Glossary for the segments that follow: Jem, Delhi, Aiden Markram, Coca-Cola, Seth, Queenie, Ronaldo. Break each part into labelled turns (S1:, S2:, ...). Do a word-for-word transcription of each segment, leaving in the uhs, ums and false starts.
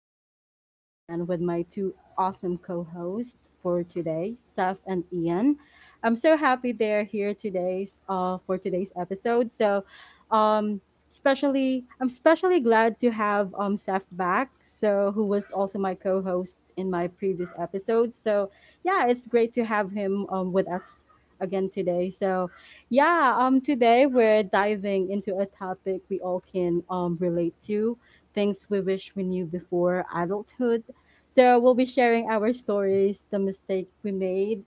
S1: We're back at it again with my two awesome co hosts for today, Seth and Ian. I'm so happy they're here today's uh for today's episode. So um especially I'm especially glad to have um Seth back, so who was also my co-host in my previous episode. So yeah, it's great to have him um with us again today. So yeah, um, today we're diving into a topic we all can um, relate to things we wish we knew before adulthood. So, we'll be sharing our stories, the mistake we made,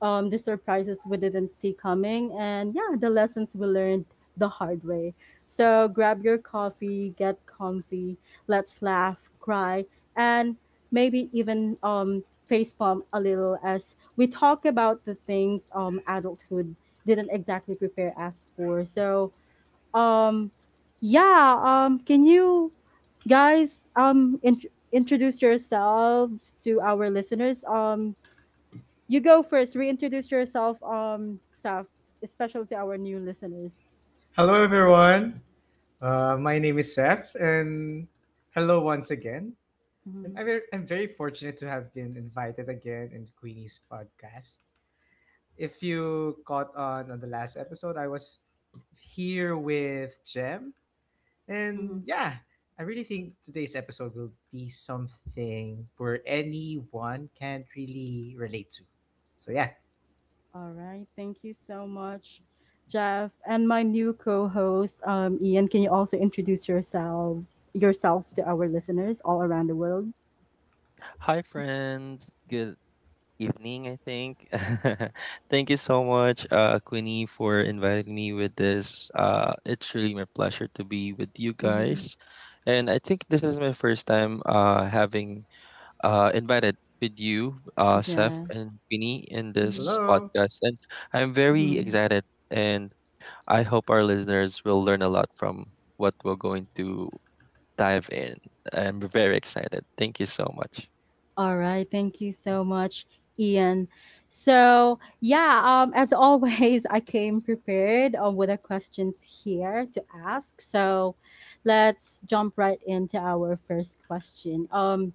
S1: um, the surprises we didn't see coming, and yeah, the lessons we learned the hard way. So grab your coffee, get comfy, let's laugh, cry, and maybe even um, facepalm a little as we talk about the things um, adulthood didn't exactly prepare us for. So um, yeah, um, can you guys um, int- introduce yourselves to our listeners? Um, you go first. Reintroduce yourself, um, Saf, especially to our new listeners.
S2: Hello, everyone. Uh, my name is Seth, and hello once again. And
S1: Mhm,
S2: I'm ver- I'm very fortunate to have been invited again in Queenie's podcast. If you caught on on the last episode, I was here with Jem.
S1: mhm.
S2: And yeah, I really think today's episode will be something where anyone can really relate to. So yeah,
S1: All right. Thank you so much, Jeff, and my new co-host, um, Ian. Can you also introduce yourself yourself to our listeners all around the world?
S3: Hi, friends. Good evening, I think. Thank you so much, uh, Queenie, for inviting me with this. Uh, it's really my pleasure to be with you
S1: Hmm.
S3: guys. And I think this is my first time uh, having uh, invited with you, uh, Seth
S1: Yeah.
S3: and Queenie, in
S1: Hmm.
S3: this
S2: hello.
S3: podcast. And I'm very
S1: Hmm.
S3: excited, and I hope our listeners will learn a lot from what we're going to dive in. I'm very excited. Thank you so much.
S1: All right. Thank you so much, Ian. So, yeah, um, as always, I came prepared um, with the questions here to ask. So, let's jump right into our first question. Um,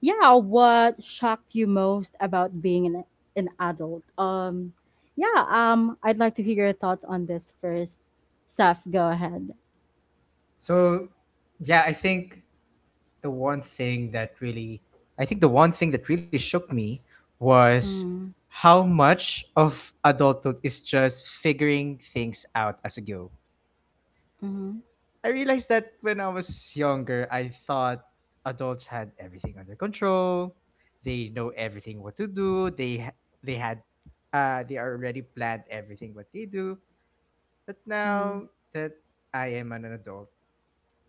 S1: yeah, What shocked you most about being an, an adult? Um, yeah, um, I'd like to hear your thoughts on this first. Steph, go ahead.
S2: So yeah, I think the one thing that really I think the one thing that really shook me was
S1: Mm,
S2: how much of adulthood is just figuring things out as you go.
S1: mm-hmm,
S2: I realized that when I was younger, I thought adults had everything under control. They know everything what to do. They ha- they had uh they already planned everything what they do. But
S1: mm-hmm,
S2: now that I am an adult,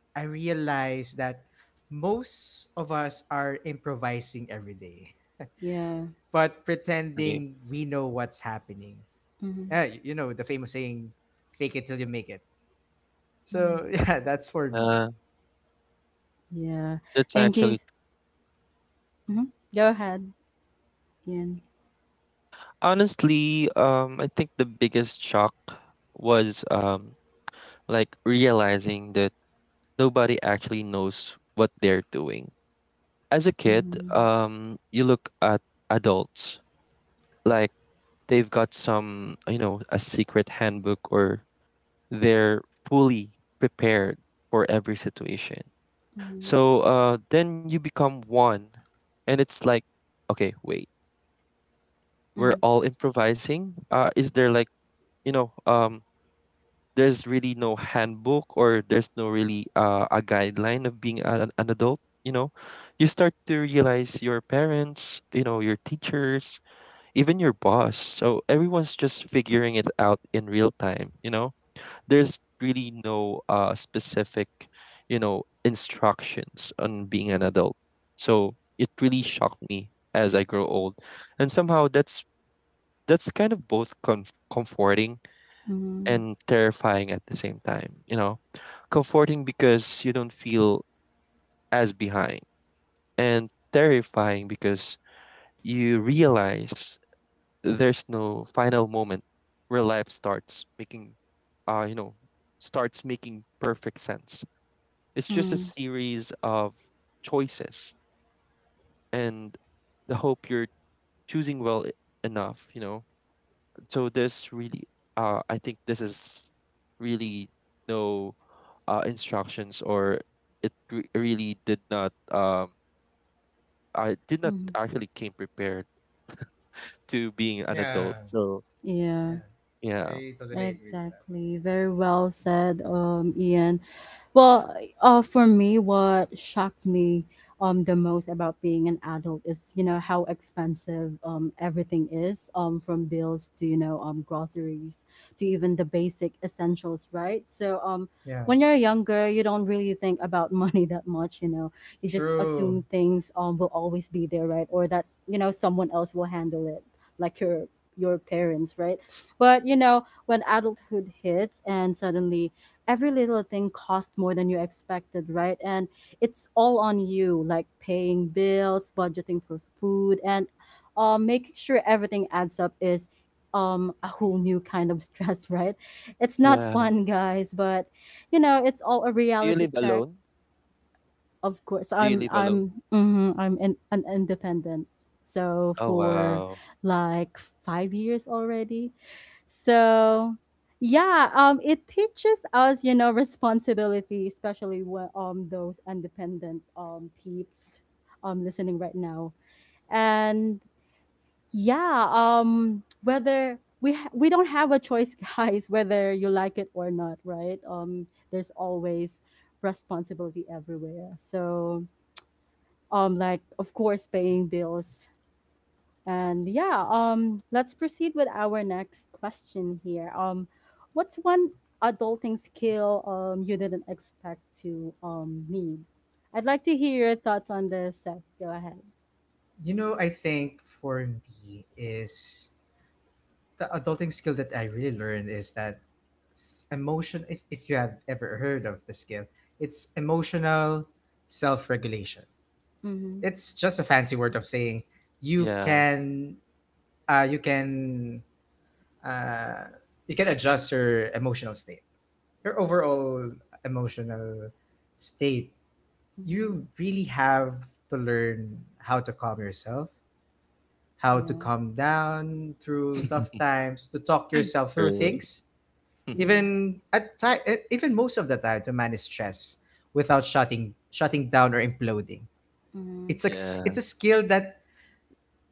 S2: I realized that most of us are improvising every day,
S1: yeah.
S2: but pretending we know what's happening.
S1: Mm-hmm,
S2: Yeah, y- you know, the famous saying, fake it till you make it.
S1: mm-hmm.
S2: So, yeah, that's for me.
S3: Yeah.
S1: Yeah.
S3: That's
S1: Thank you.
S3: actually
S1: Mhm. Go ahead, Ian.
S3: Honestly, um, I think the biggest shock was um like realizing that nobody actually knows what they're doing. As a kid,
S1: Mhm.
S3: um, you look at adults like they've got some, you know, a secret handbook or they're fully prepared for every situation.
S1: Mhm.
S3: So uh, then you become one, and it's like, okay, wait, we're
S1: Mhm.
S3: all improvising. Uh, is there like you know um there's really no handbook or there's no really uh, a guideline of being a, an an adult, you know. You start to realize your parents, you know, your teachers, even your boss, so everyone's just figuring it out in real time, you know. There's really no uh, specific, you know, instructions on being an adult, so it really shocked me as I grow old. And somehow that's that's kind of both comf- comforting
S1: Mhm.
S3: and terrifying at the same time. You know, comforting because you don't feel as behind, and terrifying because you realize there's no final moment where life starts making, uh, you know, starts making perfect sense. It's just a
S1: Mhm.
S3: series of choices, and the hope you're choosing well e- enough, you know. So this really uh i think this is really no uh instructions or it re- really did not um I did not
S1: Mhm.
S3: actually came prepared to being an adult,
S2: Yeah,
S3: so
S1: Yeah.
S2: yeah,
S3: yeah.
S2: I totally agree with that.
S1: Exactly. Very well said, um, Ian. Well, uh, for me, what shocked me um, the most about being an adult is, you know, how expensive um, everything is, um, from bills to, you know, um, groceries to even the basic essentials, right? So um,
S2: Yeah,
S1: when you're younger, you don't really think about money that much, you know. You just
S2: true.
S1: assume things um, will always be there, right? Or that, you know, someone else will handle it, like your your parents, right? But, you know, when adulthood hits and suddenly every little thing costs more than you expected, right? And it's all on you, like paying bills, budgeting for food, and uh, making sure everything adds up is um a
S3: Mm.
S1: whole new kind of stress. Right, it's not
S3: Yeah.
S1: fun guys, but you know it's all a
S3: Do you
S1: reality
S3: live
S1: check.
S3: alone?
S1: Of course,
S3: Do you
S1: I'm
S3: live alone?
S1: I'm mhm, I'm in, an independent. So
S3: Oh,
S1: for
S3: wow.
S1: like five years already. So yeah, um it teaches us, you know, responsibility, especially when um those independent um peeps um listening right now. And yeah, um whether we ha- we don't have a choice guys, whether you like it or not, right? Um there's always responsibility everywhere. So um like of course paying bills, and yeah, um let's proceed with our next question here. Um what's one adulting skill um you didn't expect to um need? I'd like to hear your thoughts on this, Seth. Go ahead.
S2: You know, I think for me is the adulting skill that I really learned is that s- emotion, if, if you have ever heard of the skill, it's emotional self regulation.
S1: Mm-hmm,
S2: It's just a fancy word of saying you
S3: Yeah.
S2: can uh, you can uh, you can adjust your emotional state your overall emotional state.
S1: mm-hmm.
S2: You really have to learn how to calm yourself, how to
S1: Yeah.
S2: calm down through tough times, to talk yourself through
S3: True.
S2: things,
S1: Yeah.
S2: even at time even most of the time, to manage stress without shutting shutting down or imploding.
S1: Mm-hmm.
S2: it's a, s-
S3: Yeah,
S2: it's a skill that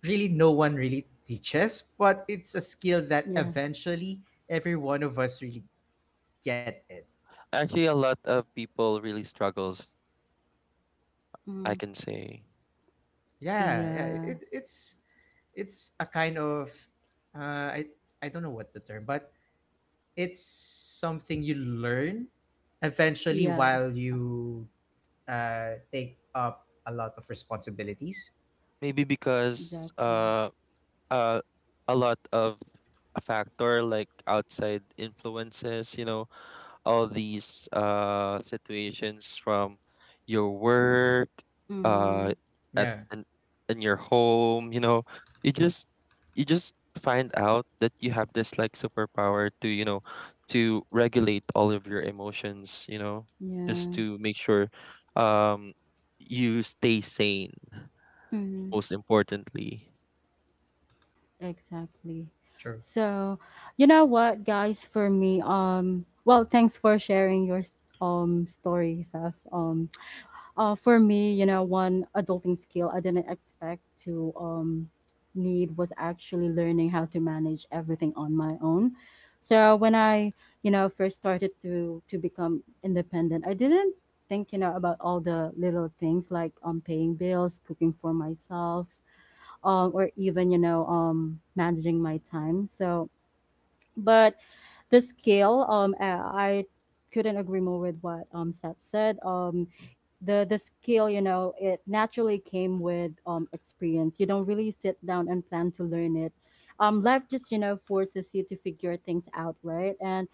S2: really no one really teaches, but it's a skill that
S1: Yeah.
S2: eventually every one of us really get it.
S3: actually a lot of people really struggles, I
S1: Mm-hmm.
S3: can say.
S2: Yeah, yeah
S1: Yeah.
S2: it, it's it's a kind of, uh, I I don't know what the term, but it's something you learn eventually
S1: Yeah.
S2: while you uh, take up a lot of responsibilities.
S3: Maybe because
S1: Exactly.
S3: uh uh, a lot of a factor like outside influences, you know, all these uh situations from your work,
S1: Mm-hmm.
S3: uh, at
S2: Yeah,
S3: and in your home, you know, you just you just find out that you have this like superpower to, you know, to regulate all of your emotions, you know, just
S1: Yeah.
S3: to make sure um you stay sane,
S1: Mm-hmm.
S3: most importantly.
S1: Exactly.
S2: true,
S1: So, you know what, guys, for me, um, well, thanks for sharing your um stories of um uh for me, you know, one adulting skill I didn't expect to um need was actually learning how to manage everything on my own. So when I, you know, first started to to become independent, I didn't think, you know, about all the little things like um paying bills, cooking for myself, um, or even you know um, managing my time. So, but the scale, um uh, I couldn't agree more with what um Seth said. Um the the skill, you know, it naturally came with um experience. You don't really sit down and plan to learn it. Um life just, you know, forces you to figure things out, right? And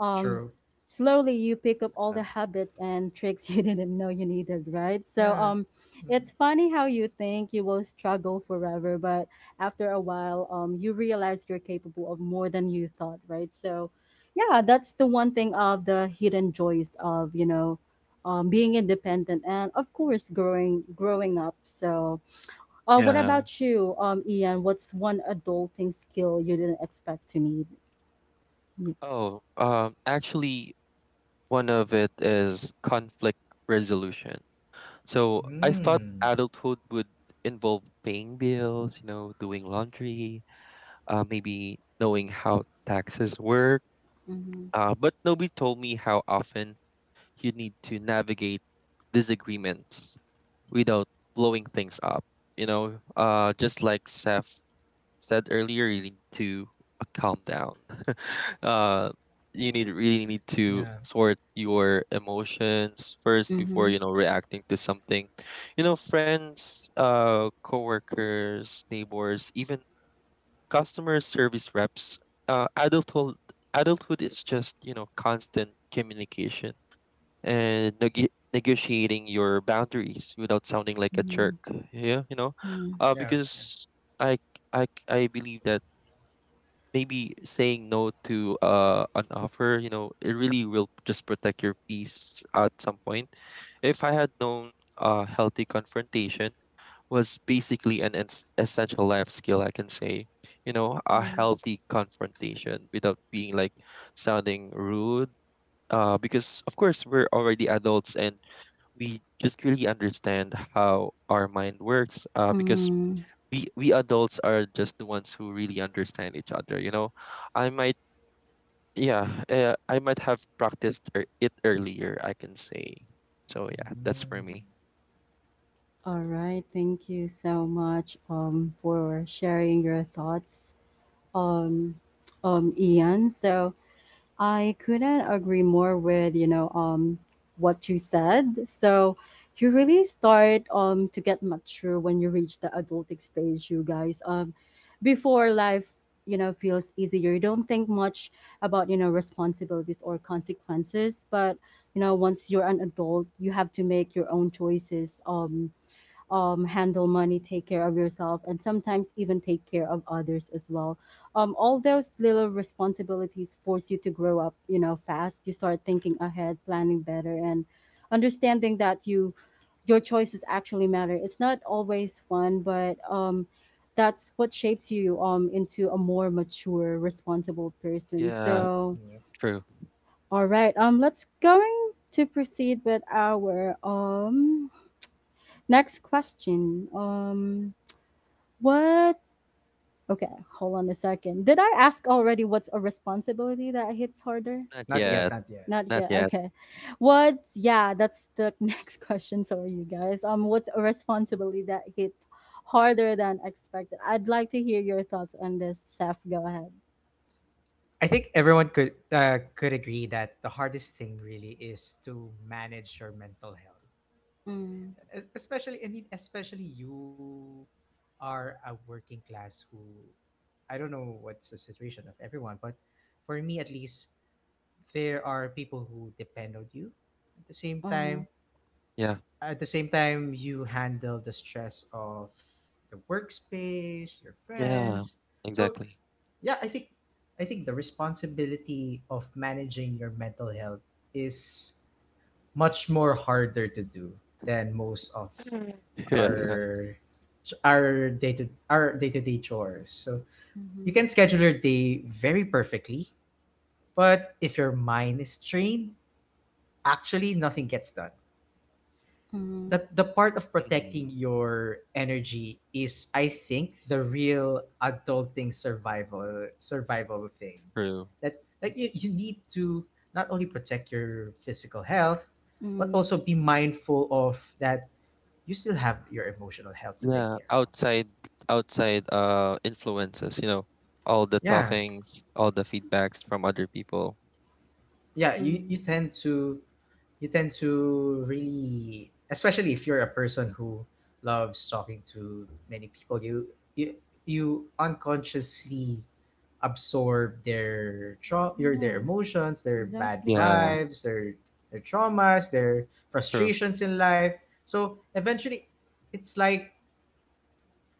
S1: um
S2: true.
S1: slowly you pick up all
S3: Yeah.
S1: the habits and tricks you didn't know you needed, right? So
S2: Yeah.
S1: um
S2: Mm-hmm.
S1: it's funny how you think you will struggle forever, but after a while um you realize you're capable of more than you thought, right? So yeah, that's the one thing of the hidden joys of, you know, um, being independent and of course growing growing up. So uh, what
S3: Yeah.
S1: about you, um, Ian? What's one adulting skill you didn't expect to need? Y-
S3: Oh, um, actually, one of it is conflict resolution. So I thought
S2: Mm.
S3: adulthood would involve paying bills, you know, doing laundry, uh, maybe knowing how taxes work.
S1: Mhm.
S3: Uh, but nobody told me how often you need to navigate disagreements without blowing things up. You know, uh, just like Seth said earlier, you need to uh, calm down. uh, you need really need to
S2: Yeah.
S3: sort your emotions first before,
S1: Mhm.
S3: you know, reacting to something. You know, friends, uh, coworkers, neighbors, even customer service reps, uh, adulthood adulthood is just, you know, constant communication and neg- negotiating your boundaries without sounding like a jerk.
S1: Mhm.
S3: Yeah, you know,
S1: Mhm.
S3: uh,
S2: Yeah. Yeah.
S3: because I I I believe that maybe saying no to uh an offer, you know, it really will just protect your peace at some point. If I had known uh healthy confrontation was basically an ens- essential life skill, I can say. You know, a
S1: Mm.
S3: healthy confrontation without being like sounding rude. Uh, because of course we're already adults and we just really understand how our mind works. Uh, because
S1: Mm.
S3: we we adults are just the ones who really understand each other. You know, I might, yeah, uh, I might have practiced ear- it earlier, I can say. So yeah, that's
S2: Mm.
S3: for me.
S1: All right. Thank you so much, um, for sharing your thoughts, um, um, Ian. So, I couldn't agree more with, you know, um what you said. So you really start um to get mature when you reach the adulting stage, you guys. Um, before, life, you know, feels easier, you don't think much about, you know, responsibilities or consequences. But you know, once you're an adult, you have to make your own choices. Um, um, handle money, take care of yourself, and sometimes even take care of others as well. Um, all those little responsibilities force you to grow up, you know, fast. You start thinking ahead, planning better, and understanding that you your choices actually matter. It's not always fun, but um, that's what shapes you um into a more mature, responsible person.
S3: Yeah,
S1: So,
S2: Yep.
S3: true.
S1: all right, um, let's going to proceed with our um next question. Um, what? Okay, hold on a second. Did I ask already what's a responsibility that hits harder?
S3: Not
S2: Not
S1: Right?
S2: yet.
S3: yet.
S2: Not yet.
S1: Not
S3: Not
S1: yet.
S3: yet.
S1: Okay. What? Yeah, that's the next question. Sorry, you guys. Um, what's a responsibility that hits harder than expected? I'd like to hear your thoughts on this, Seth. Go ahead.
S2: I think everyone could uh, could agree that the hardest thing really is to manage your mental health.
S1: Mm,
S2: Es- Especially, I mean, especially you are a working class who, I don't know what's the situation of everyone, but for me at least, there are people who depend on you. At the same
S1: uh,
S2: time,
S3: Yeah.
S2: at the same time, you handle the stress of the workspace, your
S3: Yeah,
S2: friends. So
S3: exactly.
S2: yeah, i think i think the responsibility of managing your mental health is much more harder to do than most of
S3: Yeah.
S2: our our day to our day-to-day chores. So you
S1: mm-hmm,
S2: can schedule your day very perfectly, but if your mind is trained, actually nothing gets done.
S1: mm-hmm,
S2: The the part of protecting
S3: Mhm.
S2: your energy is, I think, the real adulting survival survival thing.
S3: True.
S2: That, like, you, you need to not only protect your physical health, but
S1: mm,
S2: also be mindful of that you still have your emotional health to take
S3: Yeah,
S2: care of.
S3: outside outside uh influences, you know, all the
S2: Yeah.
S3: talkings, all the feedbacks from other people.
S2: Yeah, you, you
S1: mm.
S2: tend to you tend to really, especially if you're a person who loves talking to many people, you you, you unconsciously absorb their tra- your their
S1: Yeah,
S2: emotions, their bad
S1: exactly,
S3: Yeah.
S1: Seth.
S2: vibes, their their traumas, their
S3: True.
S2: frustrations in life. So eventually, it's like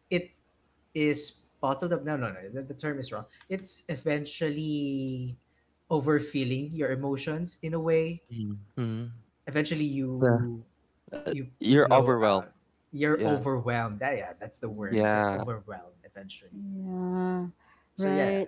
S2: it is bottled up. No, no, no, the, the term is wrong. It's eventually overfeeling your emotions in a way.
S3: Mhm. Hmm.
S2: Eventually,
S3: Yeah.
S2: you
S3: Uh,
S2: you
S3: You're
S2: blow out.
S3: overwhelmed.
S2: You're
S3: Yeah.
S2: overwhelmed. Yeah, yeah, that's the word.
S1: Mm,
S2: You're
S3: Yeah.
S2: overwhelmed eventually.
S1: yeah,
S2: So yeah,
S1: right.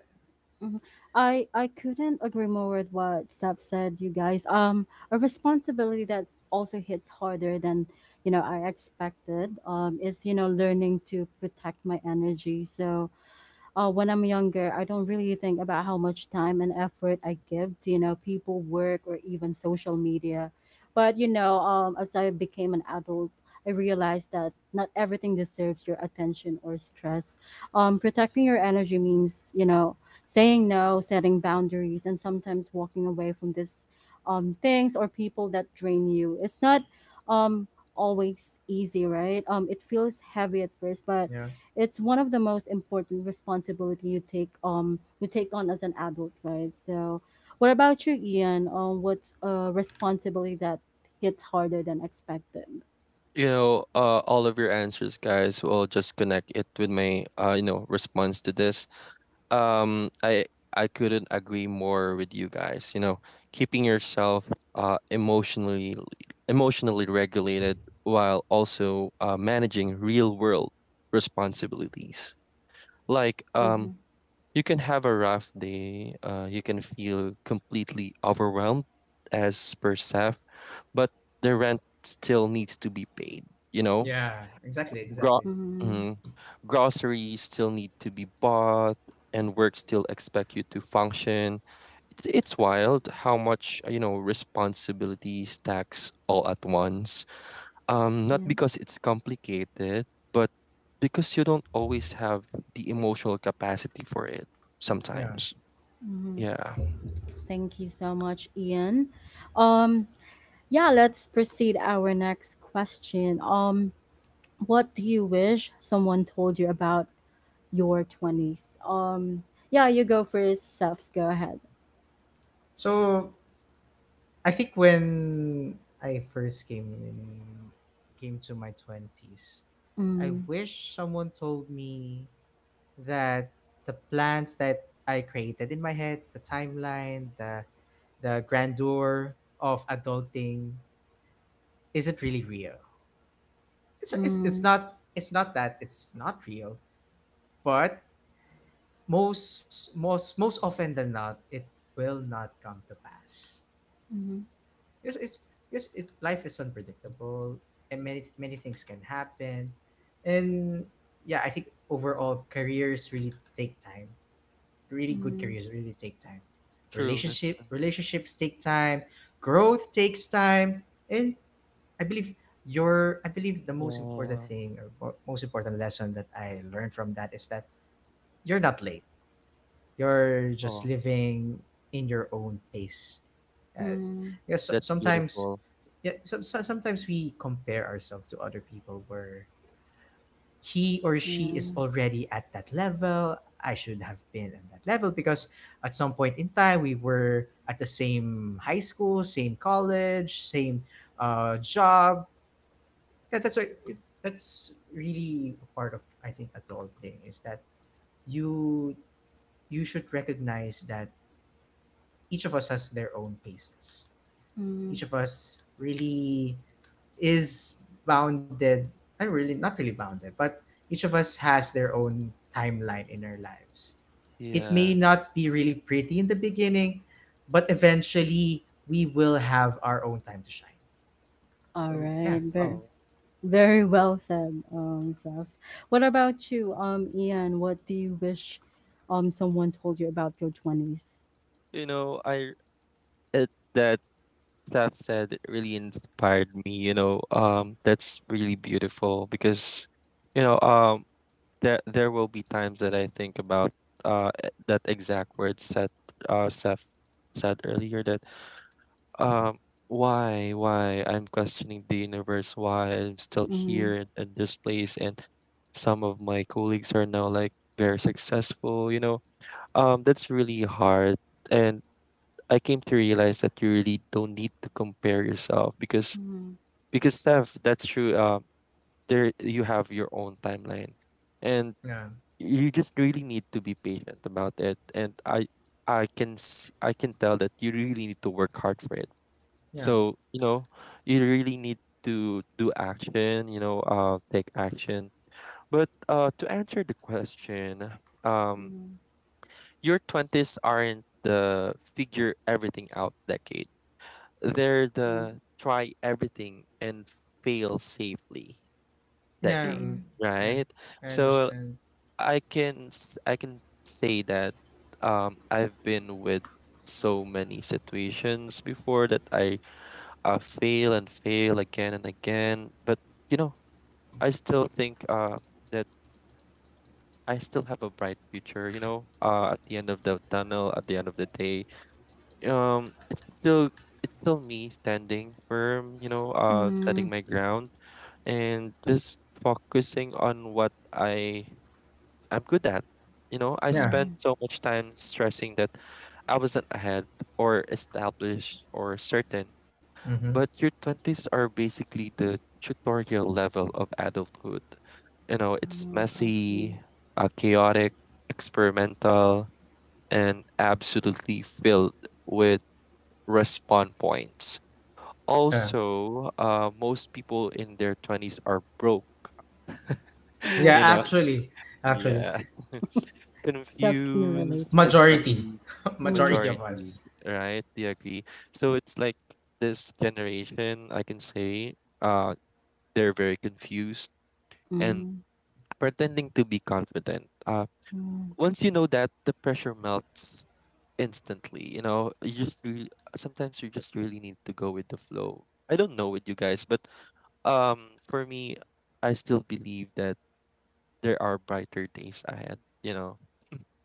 S1: Mhm. I I couldn't agree more with what Steph said, you guys. Um, a responsibility that also hits harder than, you know, I expected, Um, is, you know, learning to protect my energy. So, uh, when I'm younger, I don't really think about how much time and effort I give to, you know, people, work, or even social media. But, you know, um, as I became an adult, I realized that not everything deserves your attention or stress. Um, protecting your energy means, you know, saying no, setting boundaries, and sometimes walking away from this um, things or people that drain you. It's not um, always easy, right? Um, it feels heavy at first, but
S2: yeah,
S1: it's one of the most important responsibility you take um you take on as an adult, right? So, what about you, Ian? Um, what's a responsibility that hits harder than expected?
S3: You know, uh, all of your answers, guys, will just connect it with my, uh, you know, response to this. Um, I I couldn't agree more with you guys. You know, keeping yourself uh emotionally emotionally regulated while also uh, managing real world responsibilities. Like um,
S1: Mm-hmm.
S3: you can have a rough day. Uh, you can feel completely overwhelmed as per S A F, but the rent still needs to be paid. You know,
S2: yeah, exactly,
S3: Gro-
S2: exactly.
S1: Mm-hmm.
S3: groceries still need to be bought and work still expect you to function. It's, it's wild how much, uh, you know, responsibility stacks all at once, um not
S1: Yeah.
S3: because it's complicated but because you don't always have the emotional capacity for it
S2: Yeah.
S3: sometimes.
S1: Mm-hmm.
S3: Yeah,
S1: Thank you so much, Ian. Um, yeah, let's proceed our next question. Um, what do you wish someone told you about your twenties? Um, yeah, you go first, Seth. Go ahead.
S2: So I think when I first came in, came to my twenties, I
S1: Mm,
S2: wish someone told me that the plans that I created in my head, the timeline, the the grandeur of adulting isn't really real. It's it's it's
S1: mm,
S2: not it's not that it's not real, but most most most often than not, it will not come to pass.
S1: mm.
S2: Yes, it's yes, it life is unpredictable, and many many things can happen, and yeah, I think overall careers really take time. Really good
S1: Mm,
S2: careers really take time.
S3: true, that's
S2: Relationship
S3: true.
S2: relationships take time. Growth takes time, and I believe your I believe the most important
S3: Yeah.
S2: thing or mo- most important lesson that I learned from that is that you're not late. You're just
S3: Oh,
S2: living in your own pace. Uh,
S1: mm,
S2: yes, so-
S3: that's
S2: sometimes
S3: beautiful.
S2: yeah, so, so- sometimes we compare ourselves to other people where he or she is
S1: yeah.
S2: already at that level. I should have been at that level because at some point in time we were at the same high school, same college, same uh, job. Yeah, that's why it, that's really a part of, I think, adult thing is that you you should recognize that each of us has their own paces.
S1: Mm.
S2: Each of us really is bounded and really not really bounded, but each of us has their own timeline in our lives. It may
S3: Yes.
S2: not be really pretty in the beginning, but eventually we will have our own time to shine.
S1: All
S2: So yeah,
S1: right. Very,
S3: Oh,
S1: very well said, um, Seth. What about you, um, Ian? What do you wish, um, someone told you about your twenties?
S3: you know, I it, that Steph said really inspired me. You know, um, that's really beautiful because, you know, um, there there will be times that I think about uh e- that exact word said uh Steph said earlier that um why why I'm questioning the universe, why I'm still
S1: Mm,
S3: here in, in this place and some of my colleagues are now like very successful. You know, um, that's really hard and I came to realize that you really don't need to compare yourself because
S1: mm,
S3: because Steph, that's true. Um, there you have your own timeline, and
S2: yeah,
S3: you just really need to be patient about it. And I I can s- I can tell that you really need to work hard for it.
S2: yeah,
S3: So you know, you really need to do action. You know, uh, take action. But uh, to answer the question, um,
S1: mm,
S3: your twenties aren't the figure everything out decade. They're
S1: yeah.
S3: the try everything and fail safely
S2: yeah,
S3: decade,
S2: um,
S1: Mm,
S2: yeah.
S3: right?
S2: I
S3: So
S2: understand.
S3: I can s- I can say that um I've been with so many situations before that I uh, fail and fail again and again. But you know, I still think uh, that I still have a bright future. You know, uh, at the end of the tunnel, at the end of the day, um it's still it's still me standing firm, you know, uh standing
S1: mm,
S3: my ground and just focusing on what i I'm good at. You know, I
S2: Yeah.
S3: spent
S1: yeah.
S3: so much time stressing that I wasn't ahead or established or certain,
S2: Hmm.
S3: but your twenties are basically the tutorial level of adulthood, you know. It's
S1: No,
S3: messy,
S1: exactly.
S3: uh, chaotic, experimental, and absolutely filled with respond points.
S2: Yeah.
S3: Also, uh, most people in their twenties are broke,
S1: Yeah.
S2: Yeah.
S3: you know?
S2: Actually, actually,
S3: Yeah.
S1: Seth can
S3: Confused,
S1: relate to it.
S2: majority,
S3: especially
S1: Mm,
S2: majority of
S3: majority,
S2: us.
S3: right? Do you agree? So it's like this generation, I can say, uh, they're very confused and
S1: mm,
S3: pretending to be confident. Uh,
S1: mm,
S3: once you know that, the pressure melts instantly. You know, you just really, sometimes you just really need to go with the flow. I don't know with you guys, but Um, for me, I still believe that there are brighter days ahead, you know.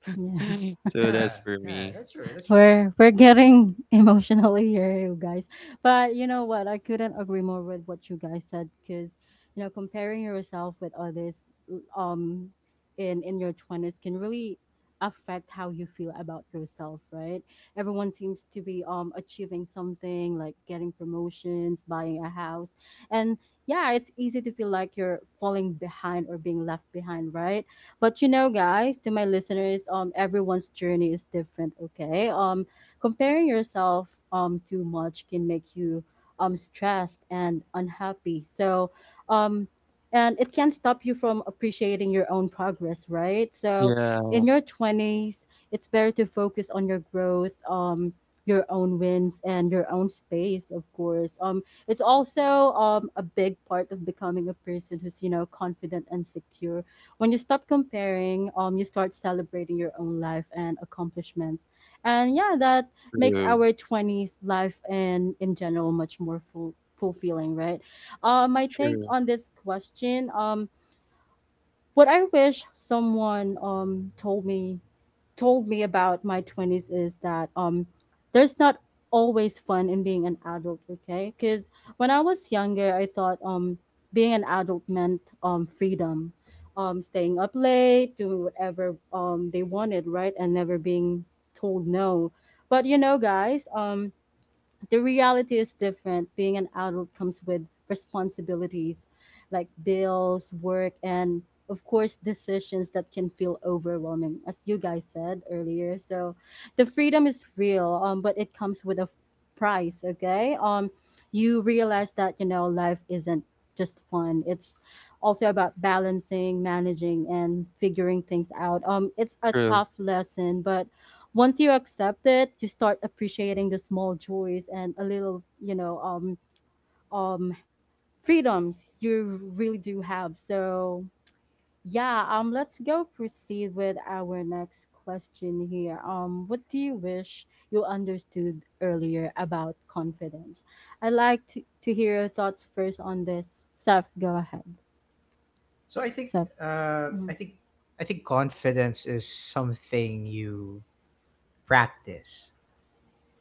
S1: yeah.
S3: So that's
S2: Yeah.
S3: for
S2: Yeah.
S3: me.
S2: That's true. That's true.
S1: We're we're getting emotional here, you guys. But you know what? I couldn't agree more with what you guys said, because you know comparing yourself with others, um, in in your twenties can really affect how you feel about yourself, right? Everyone seems to be um achieving something like getting promotions, buying a house, and yeah, it's easy to feel like you're falling behind or being left behind, right? But you know, guys, to my listeners, um, everyone's journey is different. Okay, um, comparing yourself um too much can make you um stressed and unhappy. So, um. And it can stop you from appreciating your own progress, right? So,
S3: Yeah,
S1: in your twenties, it's better to focus on your growth, um, your own wins, and your own space, of course. Um, it's also um, a big part of becoming a person who's, you know, confident and secure. When you stop comparing, um, you start celebrating your own life and accomplishments. And yeah, that makes
S3: true,
S1: our twenties life and in general much more full fulfilling, right? Um my take
S3: true,
S1: on this question, um what I wish someone um told me told me about my twenties is that um there's not always fun in being an adult, okay? Cuz when I was younger, I thought um being an adult meant um freedom. Um, staying up late, doing whatever um they wanted, right? And never being told no. But you know, guys, um, the reality is different. Being an adult comes with responsibilities like bills, work, and of course, decisions that can feel overwhelming, as you guys said earlier. So, the freedom is real, um, but it comes with a f- price. Okay, um, you realize that, you know, life isn't just fun. It's also about balancing, managing, and figuring things out. Um, it's a
S3: true.
S1: tough lesson, but once you accept it, you start appreciating the small joys and a little, you know, um, um, freedoms you really do have. So yeah, um, let's go proceed with our next question here. Um, what do you wish you understood earlier about confidence? I'd like to, to hear your thoughts first on this. Seth, go ahead.
S2: So I think,
S1: Seth.
S2: uh,
S1: Mm-hmm.
S2: I think, I think confidence is something you practice.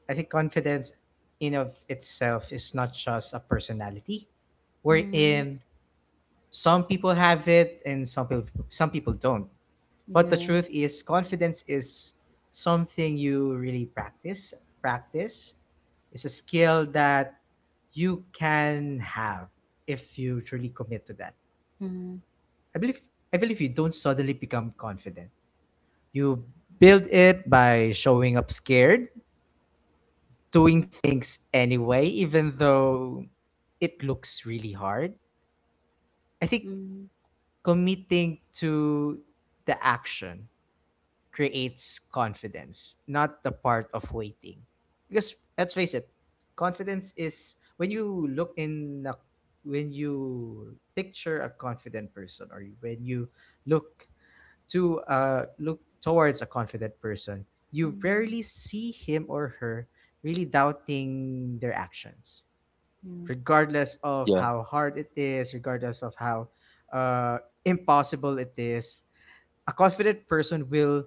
S2: I think confidence, in of itself, is not just a personality.
S1: Mm-hmm.
S2: Wherein some people have it and some people some people don't. But the
S1: Yeah.
S2: truth is, confidence is something you really practice. Practice is a skill that you can have if you truly commit to that.
S1: Mm-hmm.
S2: I believe I believe you don't suddenly become confident. You build it by showing up scared, doing things anyway, even though it looks really hard. I think
S1: Mm-hmm.
S2: committing to the action creates confidence, not the part of waiting. Because let's face it, confidence is when you look in a, when you picture a confident person, or when you look to uh look towards a confident person, you
S1: Mm-hmm.
S2: rarely see him or her really doubting their actions, regardless of
S3: Yeah,
S2: how hard it is, regardless of how uh impossible it is. A confident person will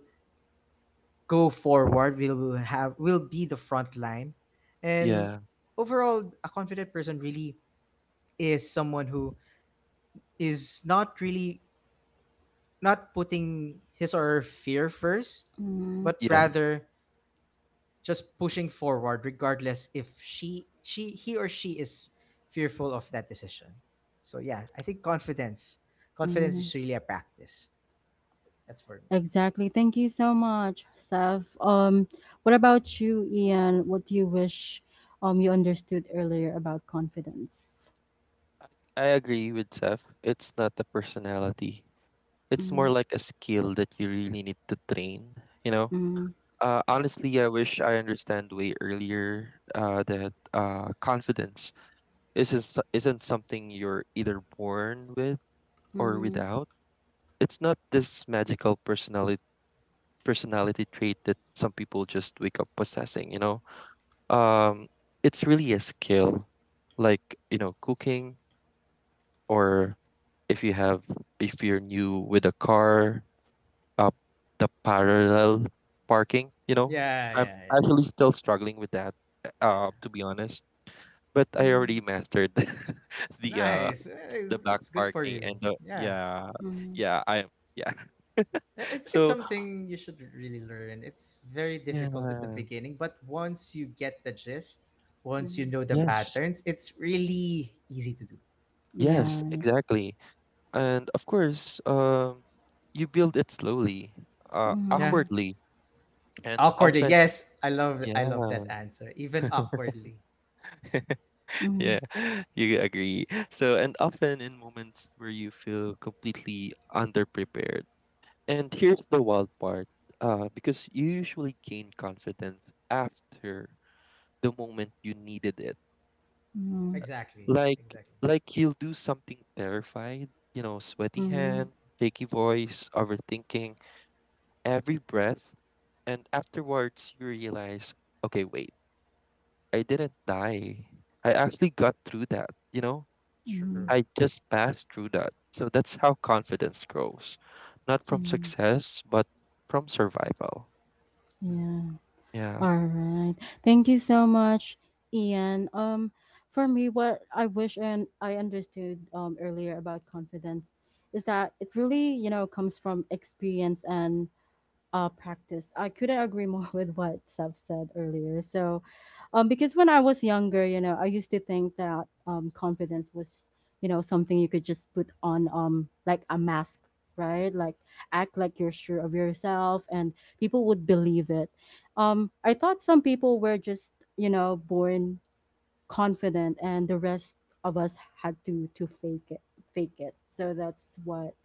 S2: go forward, will will have will be the front line, and
S3: yeah,
S2: overall, a confident person really is someone who is not really not putting his or her fear first,
S1: Yeah.
S2: but
S3: yes.
S2: rather just pushing forward regardless if she she he or she is fearful of that decision. So yeah, I think confidence confidence
S1: Mm-hmm.
S2: is really a practice. That's for me.
S1: Exactly. Thank you so much, Steph. Um, what about you, Ian? What do you wish um you understood earlier about confidence?
S3: I agree with Seth. It's not a personality. It's
S1: Mm,
S3: more like a skill that you really need to train, you know.
S1: mm,
S3: Uh,
S2: Yeah.
S3: honestly, I wish I understand way earlier uh, that uh, confidence isn't s- isn't something you're either born with or
S1: mm,
S3: without. It's not this magical personality personality trait that some people just wake up possessing, you know? Um, it's really a skill, like, you know, cooking or if you have if you're new with a car, uh, the parallel parking, you know?
S2: Yeah,
S3: I'm
S2: yeah, yeah,
S3: actually still struggling with that,
S2: yeah,
S3: uh,
S2: yeah.
S3: to be honest. But I
S1: mm,
S3: already mastered the uh
S2: Nice. Eh,
S3: the
S2: it's-
S3: back
S2: that's good for
S3: parking
S2: you.
S3: and the,
S2: Yeah.
S3: yeah.
S1: mm,
S3: Yeah. I Yeah.
S2: Uh, It's it's
S3: So
S2: something you should really learn. It's very
S3: yeah.
S2: difficult in the beginning, but once you get the gist, once you
S1: mm.
S2: know the
S3: Yes,
S2: patterns, it's really easy to do.
S1: Yeah,
S3: yes,
S1: right.
S3: exactly. And of course, um, you build it slowly, uh,
S2: Yeah.
S1: Mm,
S3: awkwardly, and
S2: Awkwardly,
S3: often.
S2: yes, I love I love
S3: Yeah.
S2: that answer. Even awkwardly.
S1: mm,
S3: Yeah, you agree. So, and often in moments where you feel completely underprepared. And here's the wild part, uh, because you usually gain confidence after the moment you needed it.
S1: mm,
S2: Exactly.
S3: Like
S2: Exactly.
S3: like he'll do something terrified, you know, sweaty
S1: mm, mm,
S3: hand, shaky voice, overthinking every breath, and afterwards you realize, okay, wait, I didn't die. I actually got through that, you know?
S2: True.
S1: mm.
S3: I just passed through that. So that's how confidence grows. Not from
S1: Mm.
S3: success, but from survival.
S2: Yeah.
S1: Yeah.
S3: Yeah.
S1: All right. Thank you so much, Ian. Um, for me, what I wish and I understood um, earlier about confidence is that it really, you know, comes from experience and uh, practice. I couldn't agree more with what Seth said earlier. So, um, because when I was younger, you know, I used to think that um, confidence was, you know, something you could just put on, um, like a mask, right? Like act like you're sure of yourself, and people would believe it. Um, I thought some people were just, you know, born confident, and the rest of us had to to fake it, fake it. So that's what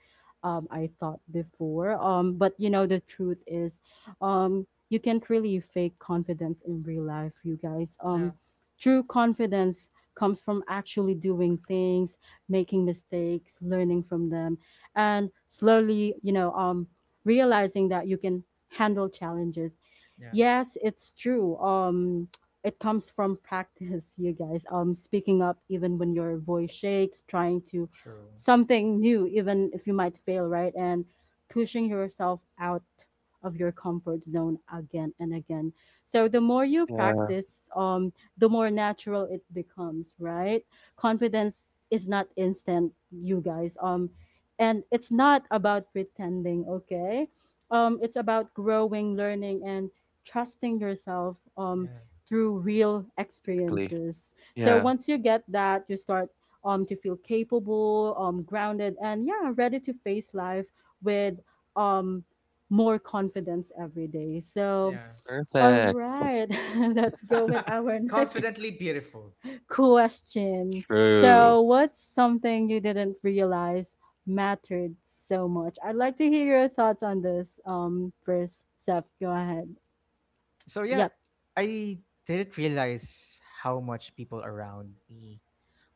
S1: um, I thought before. Um, but you know, the truth is, um, you can't really fake confidence in real life, you guys.
S2: Yeah.
S1: Um, true confidence comes from actually doing things, making mistakes, learning from them, and slowly, you know, um, realizing that you can handle challenges.
S2: Yeah.
S1: Yes, it's true. Um, it comes from practice, you guys. Um, speaking up even when your voice shakes, trying to
S2: True.
S1: something new, even if you might fail, right? And pushing yourself out of your comfort zone again and again. So the more you
S3: Yeah.
S1: practice, um, the more natural it becomes, right? Confidence is not instant, you guys. Um, and it's not about pretending, okay? Um, it's about growing, learning, and trusting yourself um,
S2: Yeah.
S1: through real
S3: Exactly.
S1: experiences. So
S3: Yeah.
S1: once you get that, you start um, to feel capable, um, grounded, and yeah, ready to face life with um, more confidence every day. So,
S2: Yeah.
S1: all
S3: Perfect.
S1: right, let's go with our next
S2: Confidently beautiful.
S1: question.
S3: True.
S1: So, what's something you didn't realize mattered so much? I'd like to hear your thoughts on this um, first, Seth. Go ahead.
S2: So yeah,
S1: Yep.
S2: I didn't realize how much people around me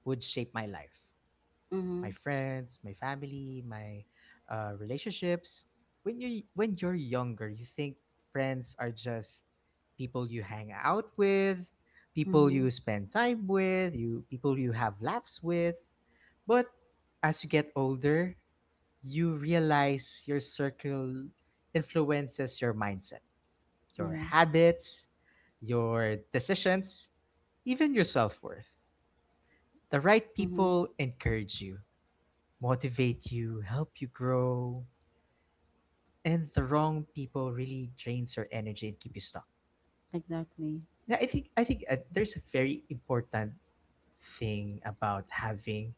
S2: would shape my life. My
S1: Mm-hmm.
S2: friends, my family, my uh, relationships. When you when you're younger, you think friends are just people you hang out with, people
S1: Mm-hmm.
S2: you spend time with, you people you have laughs with. But as you get older, you realize your circle influences your mindset, your
S1: Yeah.
S2: habits, your decisions, even your self worth. The right
S1: Mm-hmm.
S2: people encourage you, motivate you, help you grow, and the wrong people really drains your energy and keep you stuck.
S1: Exactly.
S2: Yeah, I think I think uh, there's a very important thing about having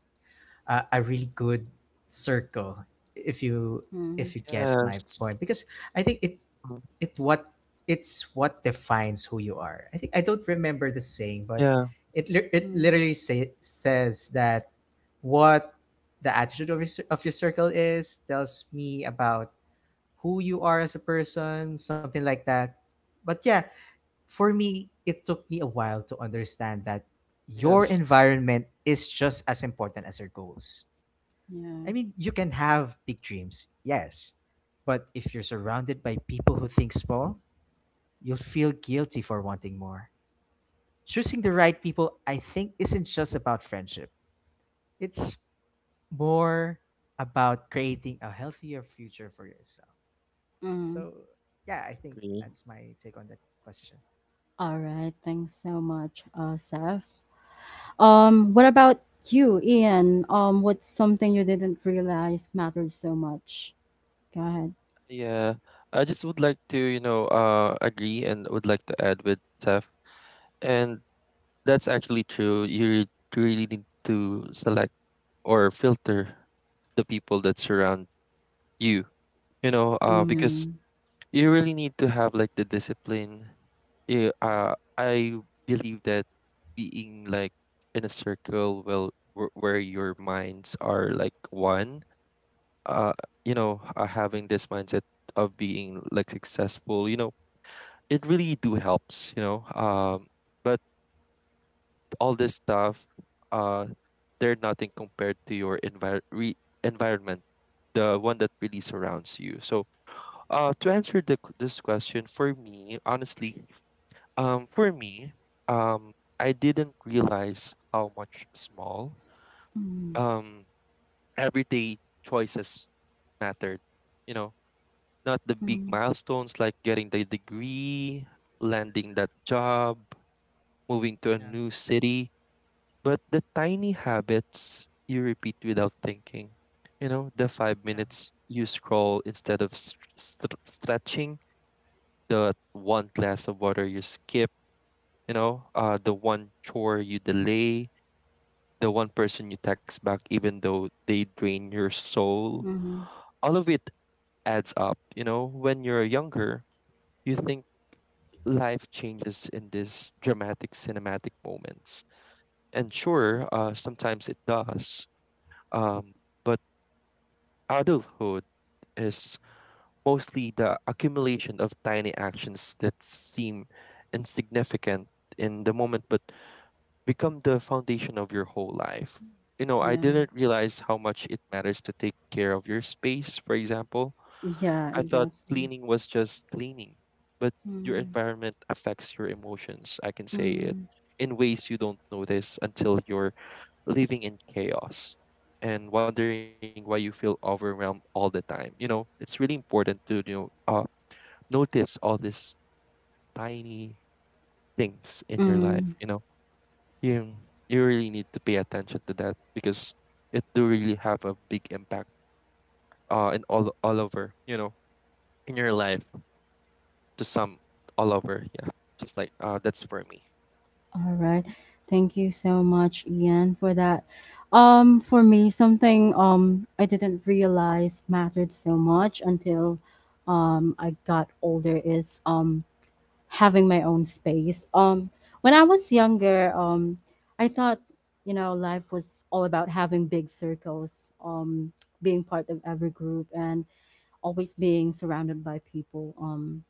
S2: uh, a really good circle. If you
S1: Mm-hmm.
S2: if you get my
S3: Yes.
S2: point, because I think it
S3: Mm.
S2: it what it's what defines who you are. I think I don't remember the saying, but
S3: Yeah.
S2: it lit- it literally say, says that what the attitude of your, cir- of your circle is tells me about who you are as a person, something like that. But yeah, for me, it took me a while to understand that your
S3: Yes.
S2: environment is just as important as your goals.
S1: Yeah.
S2: I mean, you can have big dreams, yes, but if you're surrounded by people who think small, you'll feel guilty for wanting more. Choosing the right people, I think, isn't just about friendship, it's more about creating a healthier future for yourself.
S1: Mm-hmm.
S2: So yeah, I think
S3: Agree.
S2: that's my take on that question.
S1: All right, thanks so much, uh, Seth. Um, what about you, Ian? Um, what's something you didn't realize mattered so much? Go ahead.
S3: Yeah, I just would like to, you know, uh, agree and would like to add with Tef, and that's actually true. You re- really need to select or filter the people that surround you, you know, uh,
S2: Yeah,
S3: because
S1: Mm,
S3: you really need to have like the discipline. You
S2: yeah,
S3: uh, I believe that being like in a circle well where where your minds are like one, uh, you know, uh, having this mindset of being like successful, you know, it really do helps, you know. Um, but all this stuff, uh, they're nothing compared to your envir- re- environment, the one that really surrounds you. So, uh, to answer the, q- this question, for me, honestly, um, for me, um, I didn't realize how much small,
S1: mm,
S3: um, everyday choices mattered, you know. Not the big
S1: mm,
S3: milestones like getting the degree, landing that job, moving to a
S2: yeah,
S3: new city, but the tiny habits you repeat without thinking. You know, the five
S2: yeah,
S3: minutes you scroll instead of st- st- stretching, the one glass of water you skip, you know, uh, the one chore you delay, the one person you text back even though they drain your soul.
S1: mm,
S3: All of it adds up. You know, when you're younger, you think life changes in these dramatic cinematic moments. And sure, uh, sometimes it does. Um, but adulthood is mostly the accumulation of tiny actions that seem insignificant in the moment, but become the foundation of your whole life. You know, I
S1: yeah,
S3: didn't realize how much it matters to take care of your space, for example.
S1: yeah,
S3: I thought
S1: exactly.
S3: cleaning was just cleaning, but your
S1: Mm,
S3: environment affects your emotions, I can say it,
S1: mm,
S3: in ways you don't notice until you're living in chaos and wondering why you feel overwhelmed all the time. You know, it's really important to you know, uh, notice all these tiny things in your life,
S1: mm.
S3: you know. You you really need to pay attention to that because it do really have a big impact uh in all all over, you know, in your life to some all over, yeah. Just like uh that's for me.
S1: All
S2: yeah,
S1: right, thank you so much, Ian, for that. Um, for me, something um I didn't realize mattered so much until um I got older is um having my own space. Um, when I was younger, um, I thought, you know, life was all about having big circles, um, being part of every group, and always being surrounded by people. Um,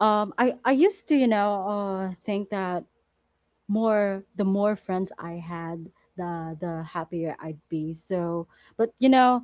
S1: um, I I used to, you know, uh, think that more the more friends I had, the the happier I'd be. So, but you know,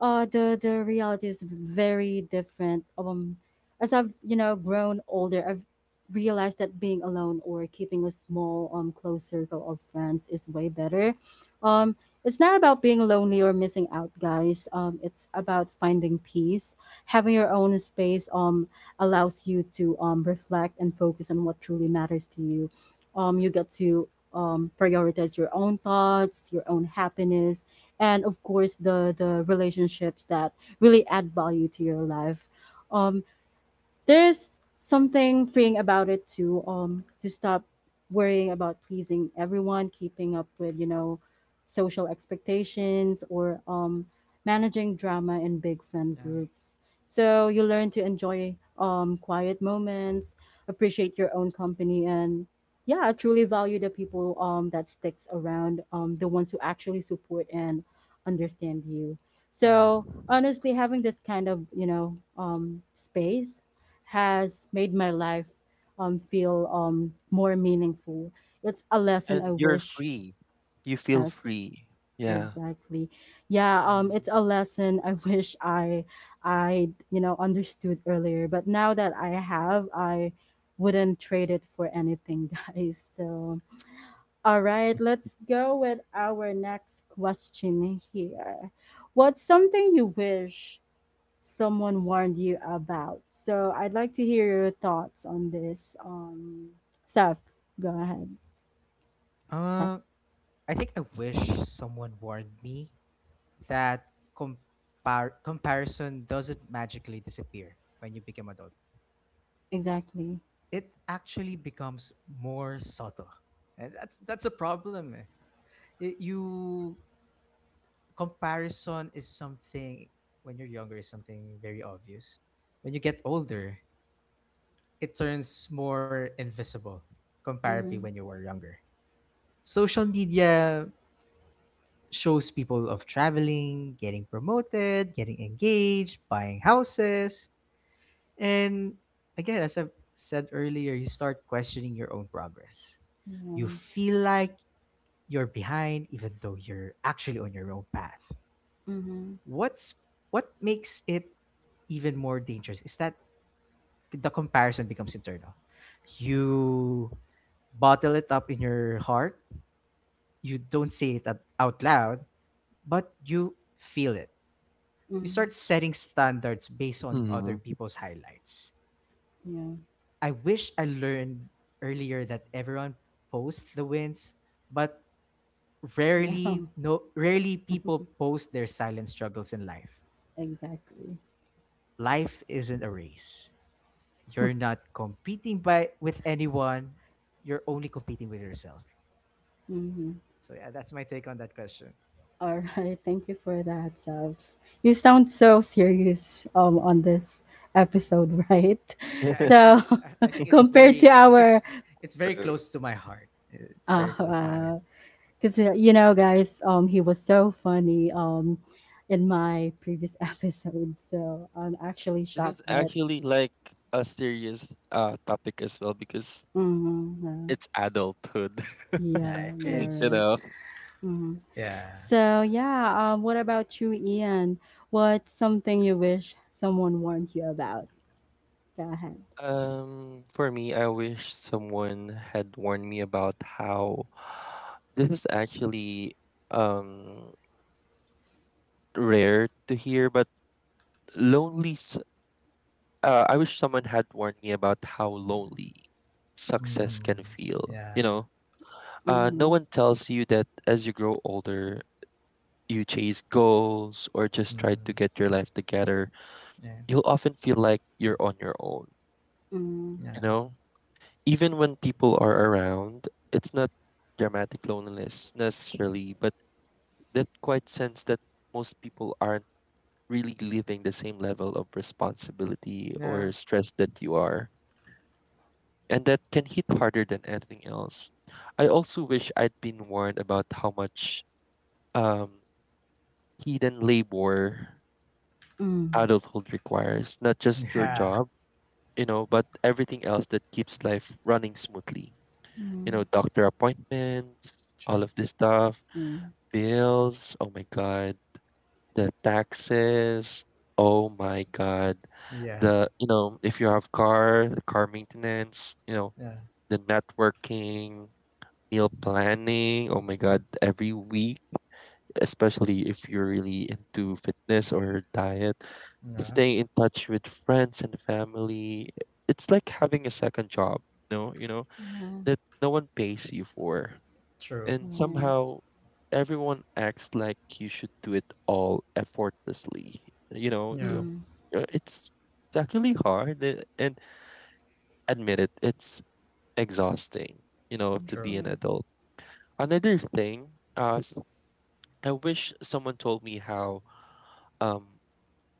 S1: uh the the reality is very different um as I've, you know, grown older, I've realized that being alone or keeping a small um close circle of friends is way better. um it's not about being lonely or missing out, guys. Um it's about finding peace, having your own space. um allows you to um reflect and focus on what truly matters to you. Um you get to um prioritize your own thoughts, your own happiness, and of course, the the relationships that really add value to your life. um there's something freeing about it too. um to stop worrying about pleasing everyone, keeping up with, you know, social expectations, or um managing drama in big friend
S2: yeah,
S1: groups. So you learn to enjoy um quiet moments, appreciate your own company, and yeah, truly value the people um that sticks around, um the ones who actually support and understand you.
S2: yeah.
S1: So honestly, having this kind of, you know, um space has made my life um, feel um, more meaningful. It's a lesson I
S3: And you're
S1: wish.
S3: free. You feel
S1: That's
S3: free. Yeah.
S1: exactly. Yeah, um
S2: Mm.
S1: it's a lesson I wish i i you know, understood earlier, but now that I have, I wouldn't trade it for anything. Guys, so all right, let's go with our next question here. What's something you wish someone warned you about? So I'd like to hear your thoughts on this. Um, Seth, go ahead. Seth.
S2: Uh, I think I wish someone warned me that compar- comparison doesn't magically disappear when you become adult.
S1: Exactly.
S2: It actually becomes more subtle, and that's that's a problem. eh. Y- you comparison is something when you're younger is something very obvious. When you get older, it turns more invisible comparatively
S1: Mm-hmm.
S2: when you were younger. Social media shows people of traveling, getting promoted, getting engaged, buying houses, and again, as I've said earlier, you start questioning your own progress. You
S1: Yeah.
S2: feel like you're behind even though you're actually on your own path.
S1: Mm-hmm.
S2: What's what makes it even more dangerous is that the comparison becomes internal. You bottle it up in your heart. You don't say it at- out loud, but you feel it. You
S1: Mm-hmm.
S2: start setting standards based on other
S3: Mhm.
S2: people's highlights.
S1: Yeah.
S2: I wish I learned earlier that everyone posts the wins, but rarely
S1: No.
S2: no rarely people post their silent struggles in life.
S1: Exactly.
S2: Life isn't a race. You're not competing by with anyone. You're only competing with yourself.
S1: Mm-hmm.
S2: So yeah, that's my take on that question.
S1: All right. Thank you for that, Sav. You sound so serious um, on this episode, right?
S2: Yeah, I I
S1: So
S2: I I think it's
S1: compared to
S2: very it's
S1: our,
S2: it's very
S3: True.
S2: close to my heart. It's very
S1: oh,
S2: close to my heart.
S1: wow. Because, you know, guys, um, he was so funny um, in my previous episode. So I'm actually
S3: This
S1: shocked
S3: is
S1: that.
S3: actually like a serious uh topic as well because
S1: Mm-hmm, uh,
S3: it's adulthood,
S2: Yeah,
S1: yeah, yeah,
S2: it's
S3: you
S1: right.
S3: know.
S1: Hmm.
S2: yeah.
S1: So, yeah, um, what about you, Ian? What's something you wish someone warned you about? Go ahead.
S3: Um, for me, I wish someone had warned me about how this is actually um rare to hear, but lonely. s- Uh, I wish someone had warned me about how lonely success can
S2: Mm,
S3: feel. You
S2: yeah.
S3: know, uh, no
S1: Mm-hmm,
S3: one tells you that as you grow older, you chase goals or just try to
S2: Mm,
S3: get your life together.
S2: yeah.
S3: You'll often feel like you're on your own.
S1: mm-hmm,
S2: Yeah.
S3: You know, even when people are around, it's not dramatic loneliness necessarily, but that quite sense that most people aren't really living the same level of responsibility
S2: Yeah.
S3: or stress that you are. And that can hit harder than anything else. I also wish I'd been warned about how much um, hidden labor adulthood requires, not just your
S1: mm-hmm,
S2: Yeah.
S3: job, you know, but everything else that keeps life running smoothly. You
S1: mm-hmm,
S3: know, doctor appointments, all
S2: True.
S3: of this stuff,
S1: yeah,
S3: bills, oh my God, the taxes, oh my God,
S2: Yeah.
S3: the, you know, if you have car, car maintenance, you know,
S2: Yeah.
S3: the networking, meal planning, oh my God, every week, especially if you're really into fitness or diet,
S2: Yeah.
S3: staying in touch with friends and family. It's like having a second job, no, you know,
S1: yeah,
S3: that no one pays you for.
S2: True.
S3: And
S1: right.
S3: somehow everyone acts like you should do it all effortlessly. You know,
S2: Yeah.
S3: you-
S1: Mm-hmm,
S3: uh, it's it's actually hard uh, and admit it, it's exhausting, you know, to
S1: that's
S3: be
S2: True.
S3: an
S1: right.
S3: adult. Another thing, uh, s- I wish someone told me how um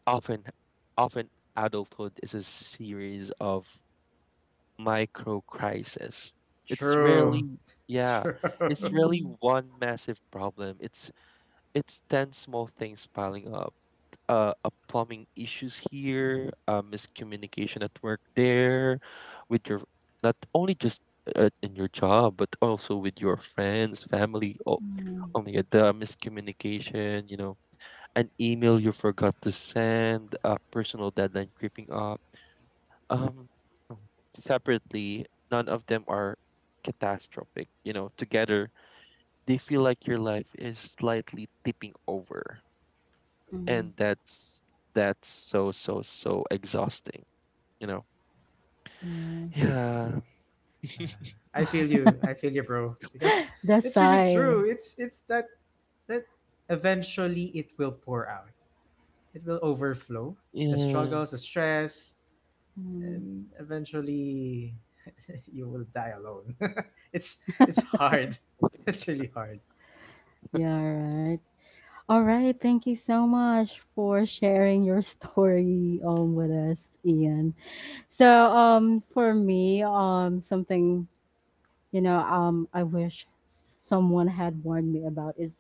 S3: often often adulthood is a series of micro crises. It's
S2: True.
S3: rarely yeah,
S2: True. Yeah.
S3: it's rarely
S1: Mm-hmm,
S3: one massive problem. It's It's ten small things piling up. Uh, a plumbing issues here, uh, miscommunication at work there, with your not only just uh, in your job, but also with your friends, family. Oh,
S1: mm-hmm,
S3: oh my God, the miscommunication, you know, an email you forgot to send, a personal deadline creeping up. Um, Separately, none of them are catastrophic. You know, together, they feel like your life is slightly tipping over
S1: mm-hmm,
S3: and that's that's so so so exhausting, you know.
S1: yes.
S3: Yeah.
S2: I feel you. I feel you, bro. Because
S1: That's
S2: it's really
S1: why.
S2: true. It's it's that that eventually it will pour out. It will overflow the struggles, the
S3: Yes.
S2: stress,
S1: Mm.
S2: and eventually you will die alone. it's it's hard. It's really hard.
S1: Yeah, right. All right. Thank you so much for sharing your story um with us, Ian. So um for me, um something, you know, um, I wish someone had warned me about is,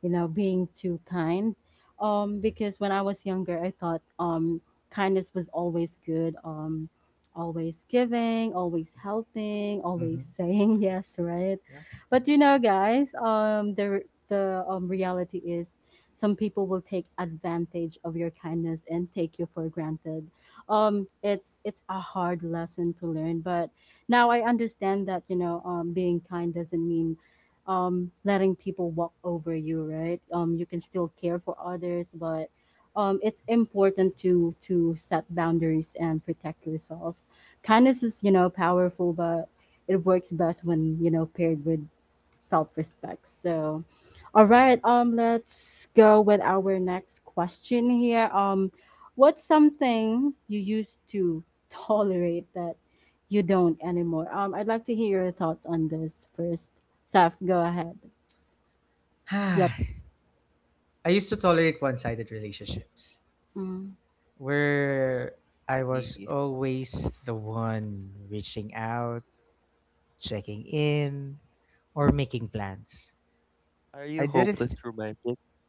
S1: you know, being too kind. Um, because when I was younger, I thought um, kindness was always good, um, always giving, always helping,
S2: Mm-hmm.
S1: always saying yes, right? But you know, guys, um, the the um, reality is some people will take advantage of your kindness and take you for granted. Um, it's it's a hard lesson to learn, but now I understand that, you know, um, being kind doesn't mean um, letting people walk over you, right? Um, you can still care for others, but um, it's important to to set boundaries and protect yourself. Kindness is, you know, powerful, but it works best when, you know, paired with self-respect. So, all
S3: Yeah.
S1: right, um, let's go with our next question here. Um, what's something you used to tolerate that you don't anymore? Um, I'd like to hear your thoughts on this first. Saf, go ahead.
S2: Yeah.
S1: Yep.
S2: I used to tolerate one-sided relationships
S1: Mm.
S2: where I
S3: Ye-.
S2: was always the one reaching out, checking in, or making plans.
S3: Are you
S2: I
S3: hopeless
S2: didn't.
S3: romantic?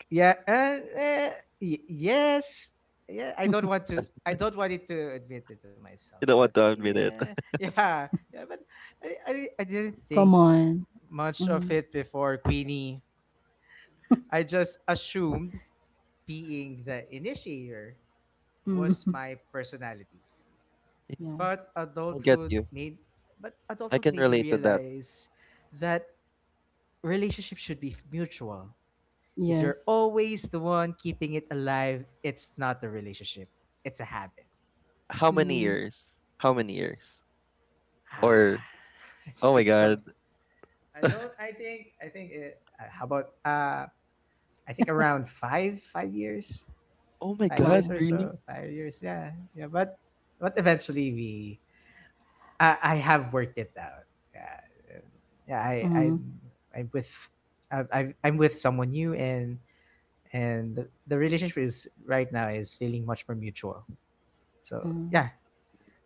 S2: Yeah, and uh, y- yes, yeah. I don't want to. I don't want it to admit it to myself,
S3: You don't
S2: but
S3: want to admit it.
S2: yeah, yeah, yeah. But I, I, I didn't
S1: Come
S2: think
S1: on.
S2: much of
S1: Mm.
S2: it before Queenie. I just assumed being the initiator
S1: Mm.
S2: was my personality.
S3: Yeah,
S1: Yeah.
S2: But
S3: I get
S2: adulthood
S3: you.
S2: made, but
S3: I
S2: adulthood
S3: can
S2: made me
S3: relate to that.
S2: realize that relationships should be mutual. If you're
S1: Yes.
S2: always the one keeping it alive, it's not a relationship. It's a habit.
S3: How many
S1: Mm.
S3: years? How many years
S2: Ah,
S3: or
S2: it's
S3: oh my
S2: it's
S3: God.
S2: some. I don't. I think. I think. It, uh, how about? Uh, I think around five, five years,
S3: Oh my
S2: five
S3: God,
S2: years or
S1: Wow.
S3: really?
S2: so, five years. Yeah, yeah. But but eventually we. I I have worked it out. Yeah, and yeah. I I'm
S1: Mm.
S2: I'm with. I've, I've, I'm with someone new and and the, the relationship is right now is feeling much more mutual. So
S1: Mm.
S2: yeah,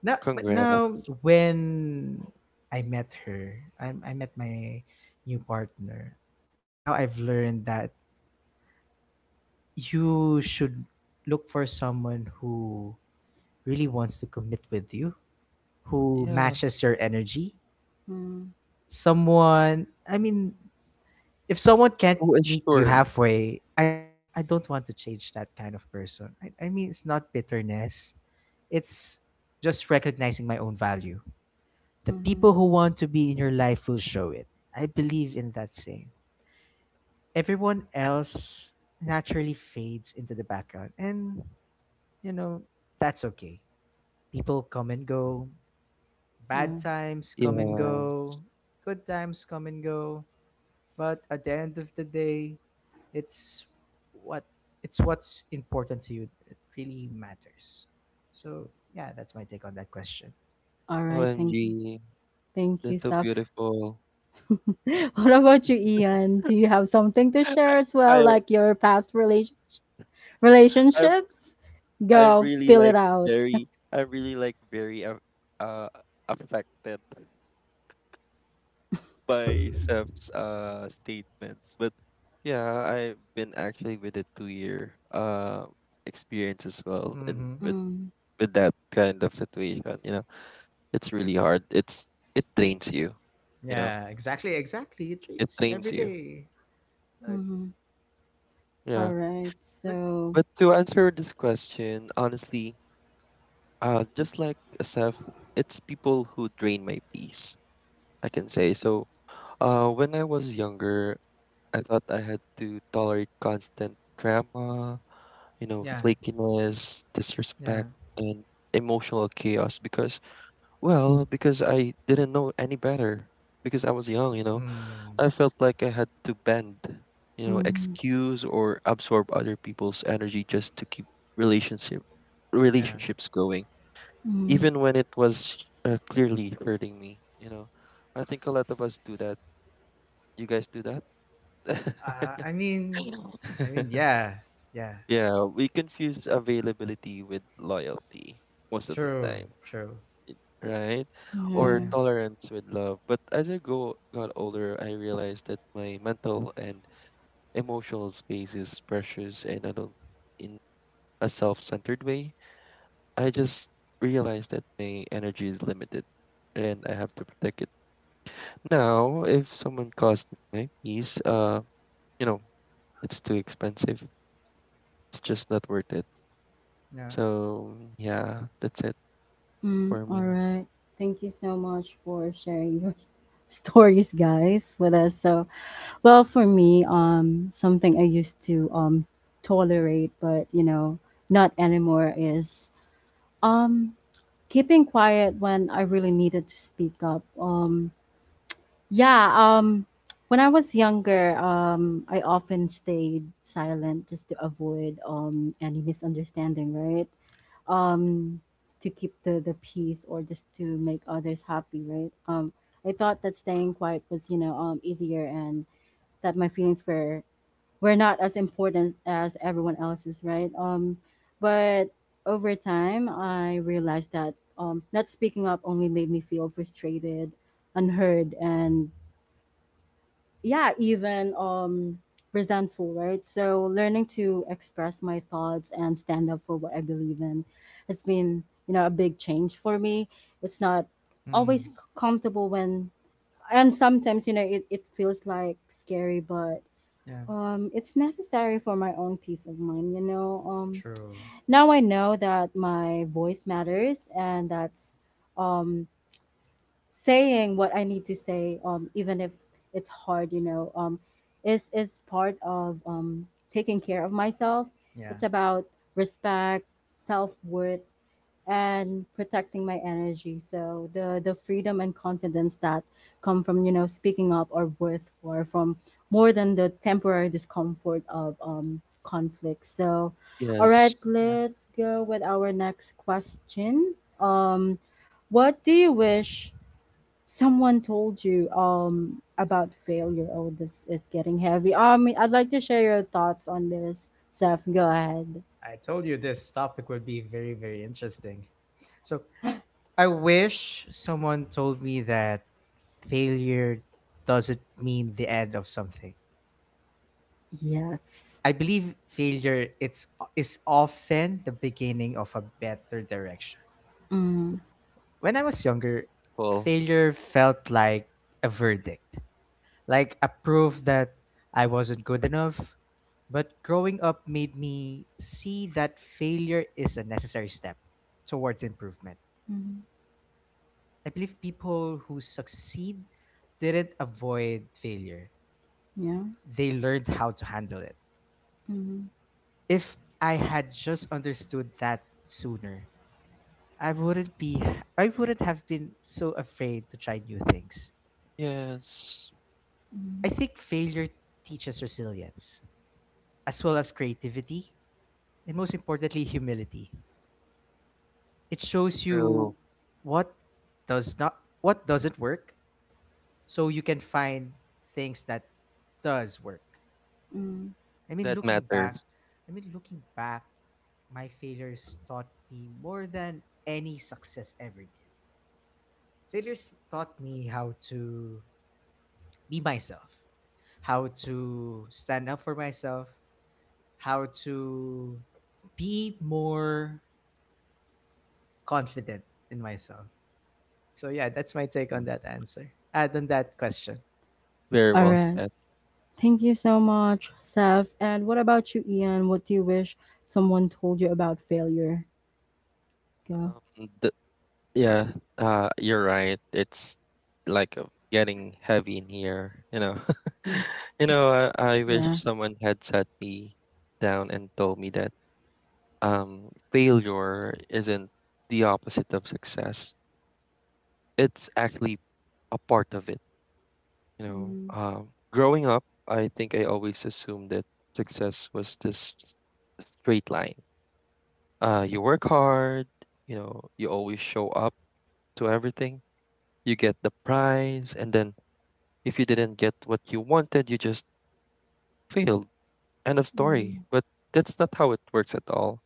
S2: now, but now
S3: Congrats.
S2: when I met her, I I met my new partner. Now I've learned that you should look for someone who really wants to commit with you, who
S3: Yeah.
S2: matches your energy.
S1: Mm.
S2: Someone, I mean, if someone can't
S3: Oh and
S2: meet you
S3: sure.
S2: halfway, I I don't want to change that kind of person. I, I mean, it's not bitterness. It's just recognizing my own value. The people
S1: Mm.
S2: who want to be in your life will show it. I believe in that saying. Everyone else naturally fades into the background. And, you know, that's okay. People come and go. Bad
S1: Yeah.
S2: times come and
S3: Yeah.
S2: go. Good times come and go. But at the end of the day, it's what it's what's important to you that really matters. So yeah, that's my take on that question.
S1: All right.
S3: OMG,
S1: Thank you. Thank you,
S3: that's so
S1: Saf.
S3: beautiful.
S1: What about you, Ian? Do you have something to share as well,
S3: I
S1: like your past relation
S3: I
S1: relationships?
S3: I'm
S1: Go,
S3: really
S1: spill it
S3: like
S1: out.
S3: very I'm really like very uh, uh affected by Seth's uh statements. But yeah, I've been actually with a two year uh experience as well in
S2: Mm-hmm.
S3: with
S1: Mm.
S3: with that kind of situation, you know. It's really hard. It's it drains you, you know.
S2: Yeah, exactly, exactly. It
S3: It
S2: treats you
S3: drains
S2: every
S3: you.
S2: day. But
S1: Mm-hmm.
S3: Yeah.
S1: All right.
S2: but
S1: So.
S3: But to answer this question, honestly, uh just like Seth, it's people who drain my peace, I can say. So Uh, when I was younger, I thought I had to tolerate constant drama, you know,
S2: yeah,
S3: flakiness,
S2: yeah.
S3: disrespect, and emotional chaos because, well, because I didn't know any better. Because I was young, you know,
S2: Hmm.
S3: I felt like I had to bend, you know,
S1: Mm.
S3: excuse or absorb other people's energy just to keep relationship
S2: Yeah.
S3: relationships going,
S1: Mm,
S3: even when it was uh, clearly hurting me. You know, I think a lot of us do that. You guys do that?
S2: Uh, I mean, I mean, yeah, yeah.
S3: Yeah, we confuse availability with loyalty most of the
S2: True,
S3: time,
S2: true.
S3: i- right? Or
S1: yeah.
S2: Yeah,
S3: tolerance with love. But as I go got older, I realized that my mental and emotional space is precious, and I don't in a self-centered way. I just realized that my energy is limited, and I have to protect it. Now, if someone costs me my peace, uh, you know, it's too expensive. It's just not worth it.
S2: yeah.
S3: So yeah, that's it
S1: Mm,
S3: for
S1: all
S3: me.
S1: right. Thank you so much for sharing your s- stories, guys, with us. So, well, for me, um, something I used to um tolerate, but you know, not anymore is um keeping quiet when I really needed to speak up. Um, Yeah, um when I was younger, um I often stayed silent just to avoid um any misunderstanding, right? Um to keep the the peace or just to make others happy, right? Um I thought that staying quiet was, you know, um easier and that my feelings were were not as important as everyone else's, right? Um but over time, I realized that um not speaking up only made me feel frustrated, unheard, and yeah, even um resentful, right? So learning to express my thoughts and stand up for what I believe in has been, you know, a big change for me. It's not
S2: Hmm.
S1: always c- comfortable when, and sometimes, you know, it, it feels like scary, but
S2: Yeah.
S1: um it's necessary for my own peace of mind, you know. um
S2: True.
S1: now I know that my voice matters, and that's um, s- saying what I need to say, um, even if it's hard, you know, um, is, is part of um, taking care of myself.
S2: Yeah,
S1: It's about respect, self worth, and protecting my energy. So the the freedom and confidence that come from, you know, speaking up or worth, or from more than the temporary discomfort of um conflict. So, all
S3: Yes,
S1: right,
S2: yeah.
S1: let's go with our next question. Um, what do you wish someone told you um about failure? Oh, this is getting heavy. Um, I'd like to share your thoughts on this. Seth, go ahead.
S2: I told you this topic would be very, very interesting. So I wish someone told me that failure doesn't mean the end of something.
S1: Yes.
S2: I believe failure it's is often the beginning of a better direction.
S1: Mm.
S2: When I was younger,
S3: cool.
S2: failure felt like a verdict, like a proof that I wasn't good enough. But growing up made me see that failure is a necessary step towards improvement.
S1: Mm.
S2: I believe people who succeed didn't avoid failure,
S1: Yeah.
S2: they learned how to handle it.
S1: Mhm,
S2: If I had just understood that sooner, I wouldn't be I wouldn't have been so afraid to try new things.
S3: Yes,
S2: I
S1: mhm,
S2: think failure teaches resilience, as well as creativity, and most importantly, humility. It shows
S3: true.
S2: you what does not what doesn't work, so you can find things that does work.
S1: mm.
S2: I mean,
S3: That
S2: looking back,
S3: matters.
S2: I mean, looking back, my failures taught me more than any success ever did. Failures taught me how to be myself, how to stand up for myself, how to be more confident in myself. So yeah, that's my take on
S3: Mm.
S2: that answer. Add on that question.
S3: Very
S1: All
S3: well
S1: right.
S3: said.
S1: Thank you so much, Steph. And what about you, Ian? What do you wish someone told you about failure? Go.
S3: Um, the, yeah, uh, you're right. It's like uh, getting heavy in here. You know,
S2: Hmm.
S1: Mm,
S3: you know. I, I wish
S1: yeah.
S3: someone had sat me down and told me that um, failure isn't the opposite of success. It's actually a part of it. You know,
S1: Mm,
S3: um, growing up, I think I always assumed that success was this s- straight line. Uh, you work hard, you know, you always show up to everything, you get the prize, and then if you didn't get what you wanted, you just failed. End of story.
S1: mm,
S3: But that's not how it works at all.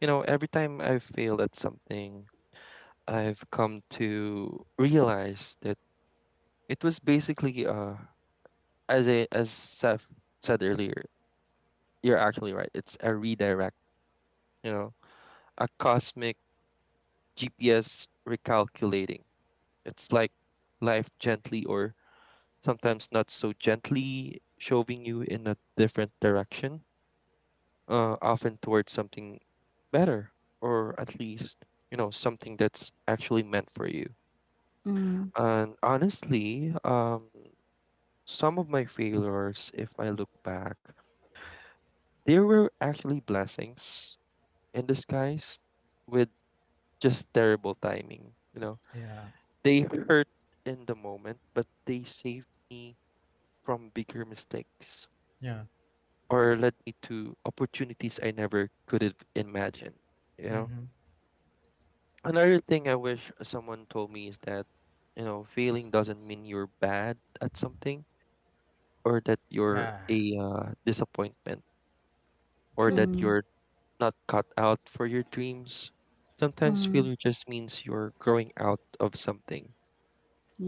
S3: You know, every time I've failed at something, I've come to realize that it was basically uh as I as Seth said earlier. You're actually right. It's a redirect, you know, a cosmic G P S recalculating. It's like life gently or sometimes not so gently shoving you in a different direction, uh, often towards something better or at least, you know, something that's actually meant for you.
S1: mm,
S3: And honestly, um, some of my failures, if I look back, they were actually blessings in disguise with just terrible timing, you know.
S2: Yeah.
S3: They hurt in the moment, but they saved me from bigger mistakes
S2: Yeah.
S3: or led me to opportunities I never could have imagined, you know.
S2: Mm-hmm.
S3: Another thing I wish someone told me is that, you know, failing doesn't mean you're bad at something or that
S2: Yeah.
S3: you're a uh, disappointment or
S2: True.
S3: that
S1: mm,
S3: you're not cut out for your dreams. Sometimes
S1: mm.
S3: failure just means you're growing out of something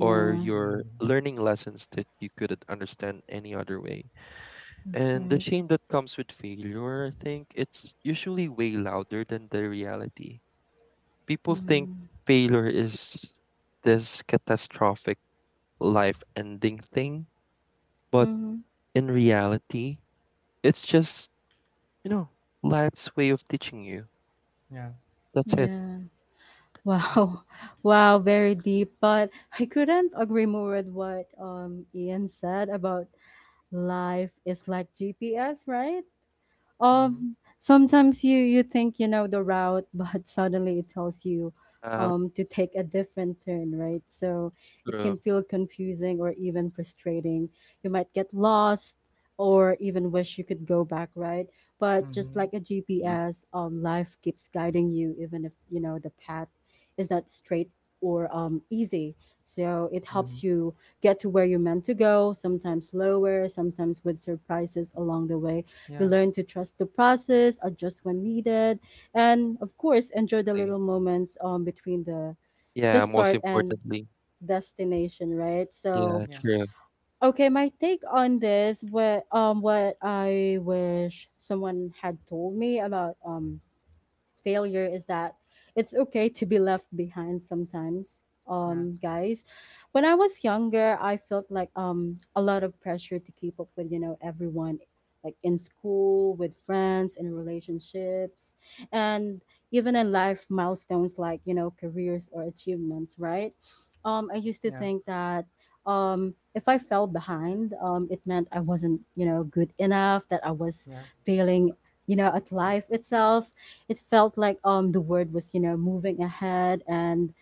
S3: or you're
S2: Mm.
S3: learning lessons that you couldn't understand any other way.
S1: that's
S3: And the
S1: right.
S3: shame that comes with failure, I think it's usually way louder than the reality. People think
S1: Mm,
S3: failure is this catastrophic life ending thing, but
S1: mm,
S3: in reality, it's just, you know, life's way of teaching you.
S2: Yeah.
S3: That's it.
S1: yeah.
S3: Yeah.
S1: Wow. Wow, very deep. But I couldn't agree more with what um Ian said about life is like G P S, right?
S2: Mm-hmm.
S1: Um, sometimes you you think you know the route, but suddenly it tells you
S3: Um,
S1: um to take a different turn, right? So it can
S3: true.
S1: feel confusing or even frustrating. You might get lost or even wish you could go back, right? But just
S2: Mm-hmm.
S1: like a G P S, um life keeps guiding you even if you know the path is not straight or um easy. So it
S2: Mm-hmm.
S1: helps you get to where you're meant to go, sometimes lower, sometimes with surprises along the way. You
S2: Yeah.
S1: learn to trust the process, adjust when needed, and of course, enjoy the
S3: Definitely.
S1: little moments um, between the, the
S3: Yeah, most
S1: start and
S3: importantly.
S1: destination, right? So,
S3: Yeah,
S2: Yeah.
S3: true.
S1: okay, my take on this, what um what I wish someone had told me about um failure is that it's okay to be left behind sometimes,
S2: Yeah.
S1: um guys. When I was younger, I felt like um a lot of pressure to keep up with, you know, everyone, like in school, with friends, in relationships, and even in life milestones, like, you know, careers or achievements, right? um I used to
S2: Yeah.
S1: think that um if I fell behind, um it meant I wasn't, you know, good enough, that I was
S2: Yeah.
S1: failing, you know, at life itself. It felt like um the world was, you know, moving ahead, and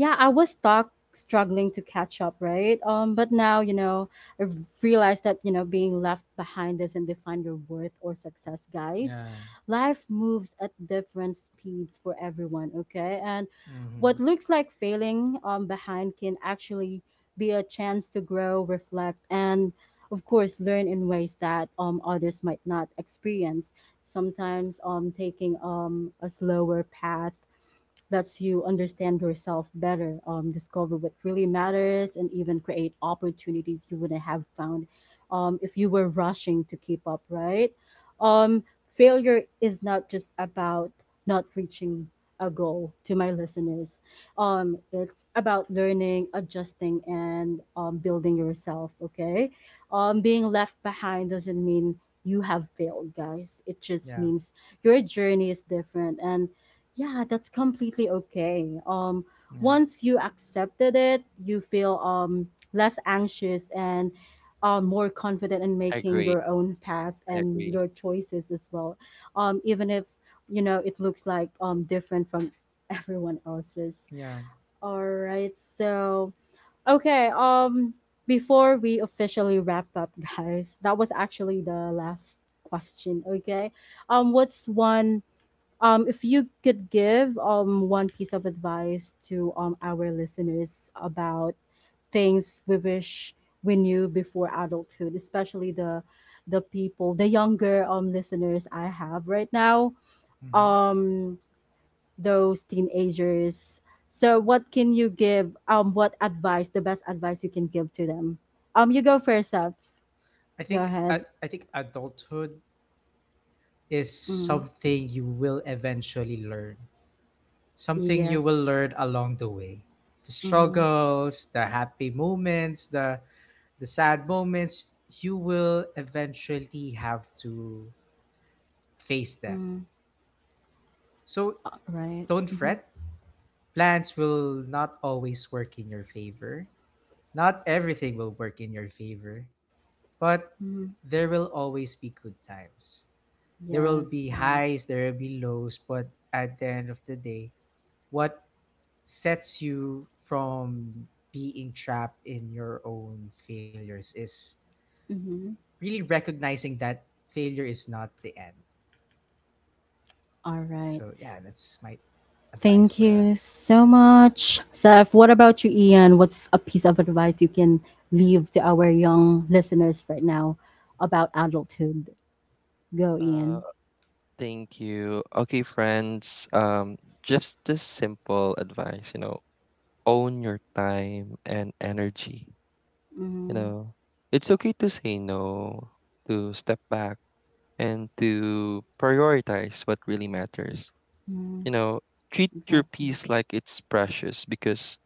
S1: yeah, I was stuck struggling to catch up, right? Um, but now, you know, I realized that, you know, being left behind doesn't define your worth or success, guys.
S2: Yeah.
S1: Life moves at different speeds for everyone, okay? And
S2: Mm-hmm.
S1: what looks like failing um behind can actually be a chance to grow, reflect, and of course learn in ways that um others might not experience. Sometimes um taking um a slower path lets you understand yourself better, um, discover what really matters, and even create opportunities you wouldn't have found um, if you were rushing to keep up, right? Um, Failure is not just about not reaching a goal, to my listeners. Um, it's about learning, adjusting, and um, building yourself, okay? Um, being left behind doesn't mean you have failed, guys. It
S2: Yeah.
S1: just means your journey is different, and yeah, that's completely okay. Um,
S2: Yeah.
S1: once you accepted it, you feel um less anxious and um more confident in
S3: I
S1: making
S3: agree.
S1: your own path
S3: I
S1: and
S3: agree.
S1: your choices as well. Um, even if, you know, it looks like um different from everyone else's.
S2: Yeah.
S1: All right, so okay. Um, before we officially wrap up, guys, that was actually the last question. Okay, um, what's one um, if you could give um, one piece of advice to um, our listeners about things we wish we knew before adulthood, especially the the people, the younger um, listeners I have right now,
S2: Mm-hmm.
S1: um, those teenagers. So, what can you give? Um, what advice? The best advice you can give to them? Um, you go first, Seth.
S2: I
S1: Go
S2: think
S1: ahead.
S2: I, I think adulthood is
S1: Mm,
S2: something you will eventually learn. Something you will
S1: yes.
S2: learn along the way, the
S1: Mm-hmm.
S2: struggles, the happy moments, the the sad moments you will eventually have to face them.
S1: Mm,
S2: So
S1: right.
S2: don't
S1: Mm-hmm.
S2: fret. Plans will not always work in your favor. Not everything will work in your favor. But
S1: Mm-hmm.
S2: there will always be good times. There will
S1: Yes.
S2: be
S1: Right.
S2: highs, there will be lows. But at the end of the day, what sets you from being trapped in your own failures is
S1: Mm-hmm.
S2: really recognizing that failure is not the end.
S1: All right.
S2: So yeah, that's my advice
S1: Thank
S2: for
S3: Perfect.
S2: them.
S1: you so much, Seth. What about you, Ian? What's a piece of advice you can leave to our young listeners right now about adulthood? Go,
S3: Uh,
S1: Ian.
S3: Thank you. Okay, friends, um, just this simple advice, you know, own your time and energy. You
S1: Mm-hmm.
S3: know, it's okay to say no, to step back, and to prioritize what really matters.
S1: Mm-hmm.
S3: You know, treat your
S1: Exactly.
S3: peace like it's precious because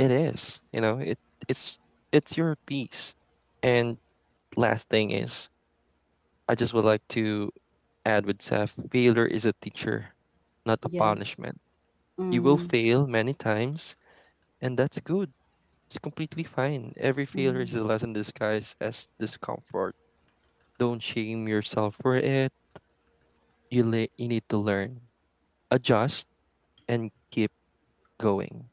S3: it is. You know, it it's it's your peace. And last thing is, I just would like to add with Seth, failure is a teacher, not a
S1: Yes.
S3: punishment. You will
S1: Mm-hmm.
S3: fail many times, and that's good. It's completely fine. Every failure
S1: Mm-hmm.
S3: is a lesson disguised as discomfort. Don't shame yourself for it. You, le- you need to learn, adjust, and keep going.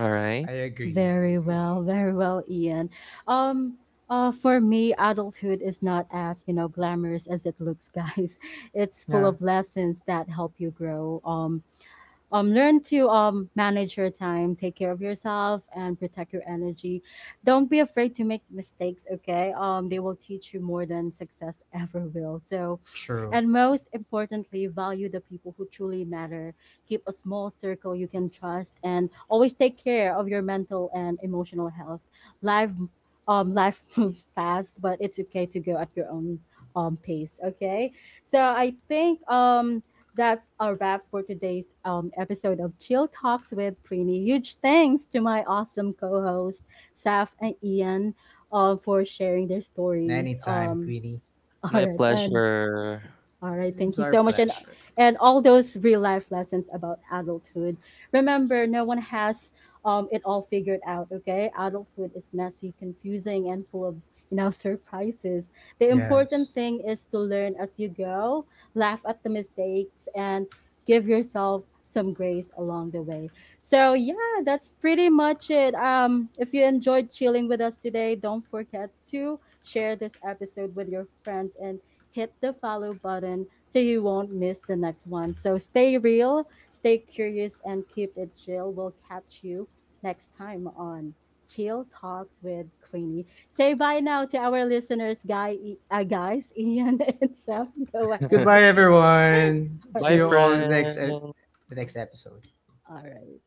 S3: All right?
S2: I agree. I
S1: Very
S2: agree.
S1: well, very well, Ian. Um, uh, for me, adulthood is not as, you know, glamorous as it looks, guys. It's full
S2: Yeah,
S1: of lessons that help you grow. Um, um, learn to um, manage your time, take care of yourself, and protect your energy. Don't be afraid to make mistakes, okay? Um, they will teach you more than success ever will. So,
S2: true.
S1: and most importantly, value the people who truly matter. Keep a small circle you can trust, and always take care of your mental and emotional health. Life, um, life moves fast, but it's okay to go at your own um pace. Okay, so I think um that's a wrap for today's um, episode of Chill Talks with Preeny. Huge thanks to my awesome co hosts, Saf and Ian, uh, for sharing their stories.
S2: Anytime,
S1: Um,
S2: Queenie.
S1: all
S3: My
S1: right, and
S3: pleasure.
S1: all right,
S2: It's
S1: thank you
S2: our
S1: so much, and
S2: pleasure.
S1: and all those real life lessons about adulthood. Remember, no one has um, it all figured out. Okay, adulthood is messy, confusing, and full of, you know, surprises. The
S2: Yes.
S1: important thing is to learn as you go, laugh at the mistakes, and give yourself some grace along the way. So yeah, that's pretty much it. Um, if you enjoyed chilling with us today, don't forget to share this episode with your friends and hit the follow button so you won't miss the next one. So stay real, stay curious, and keep it chill. We'll catch you next time on Chill Talks with Queenie. Say bye now to our listeners, guy, uh, guys, Ian and Seth. Go ahead.
S2: Goodbye, everyone.
S1: All
S2: See
S3: Bye,
S2: you
S1: right.
S2: all in the next, e-
S3: friend.
S2: the next episode.
S1: All right.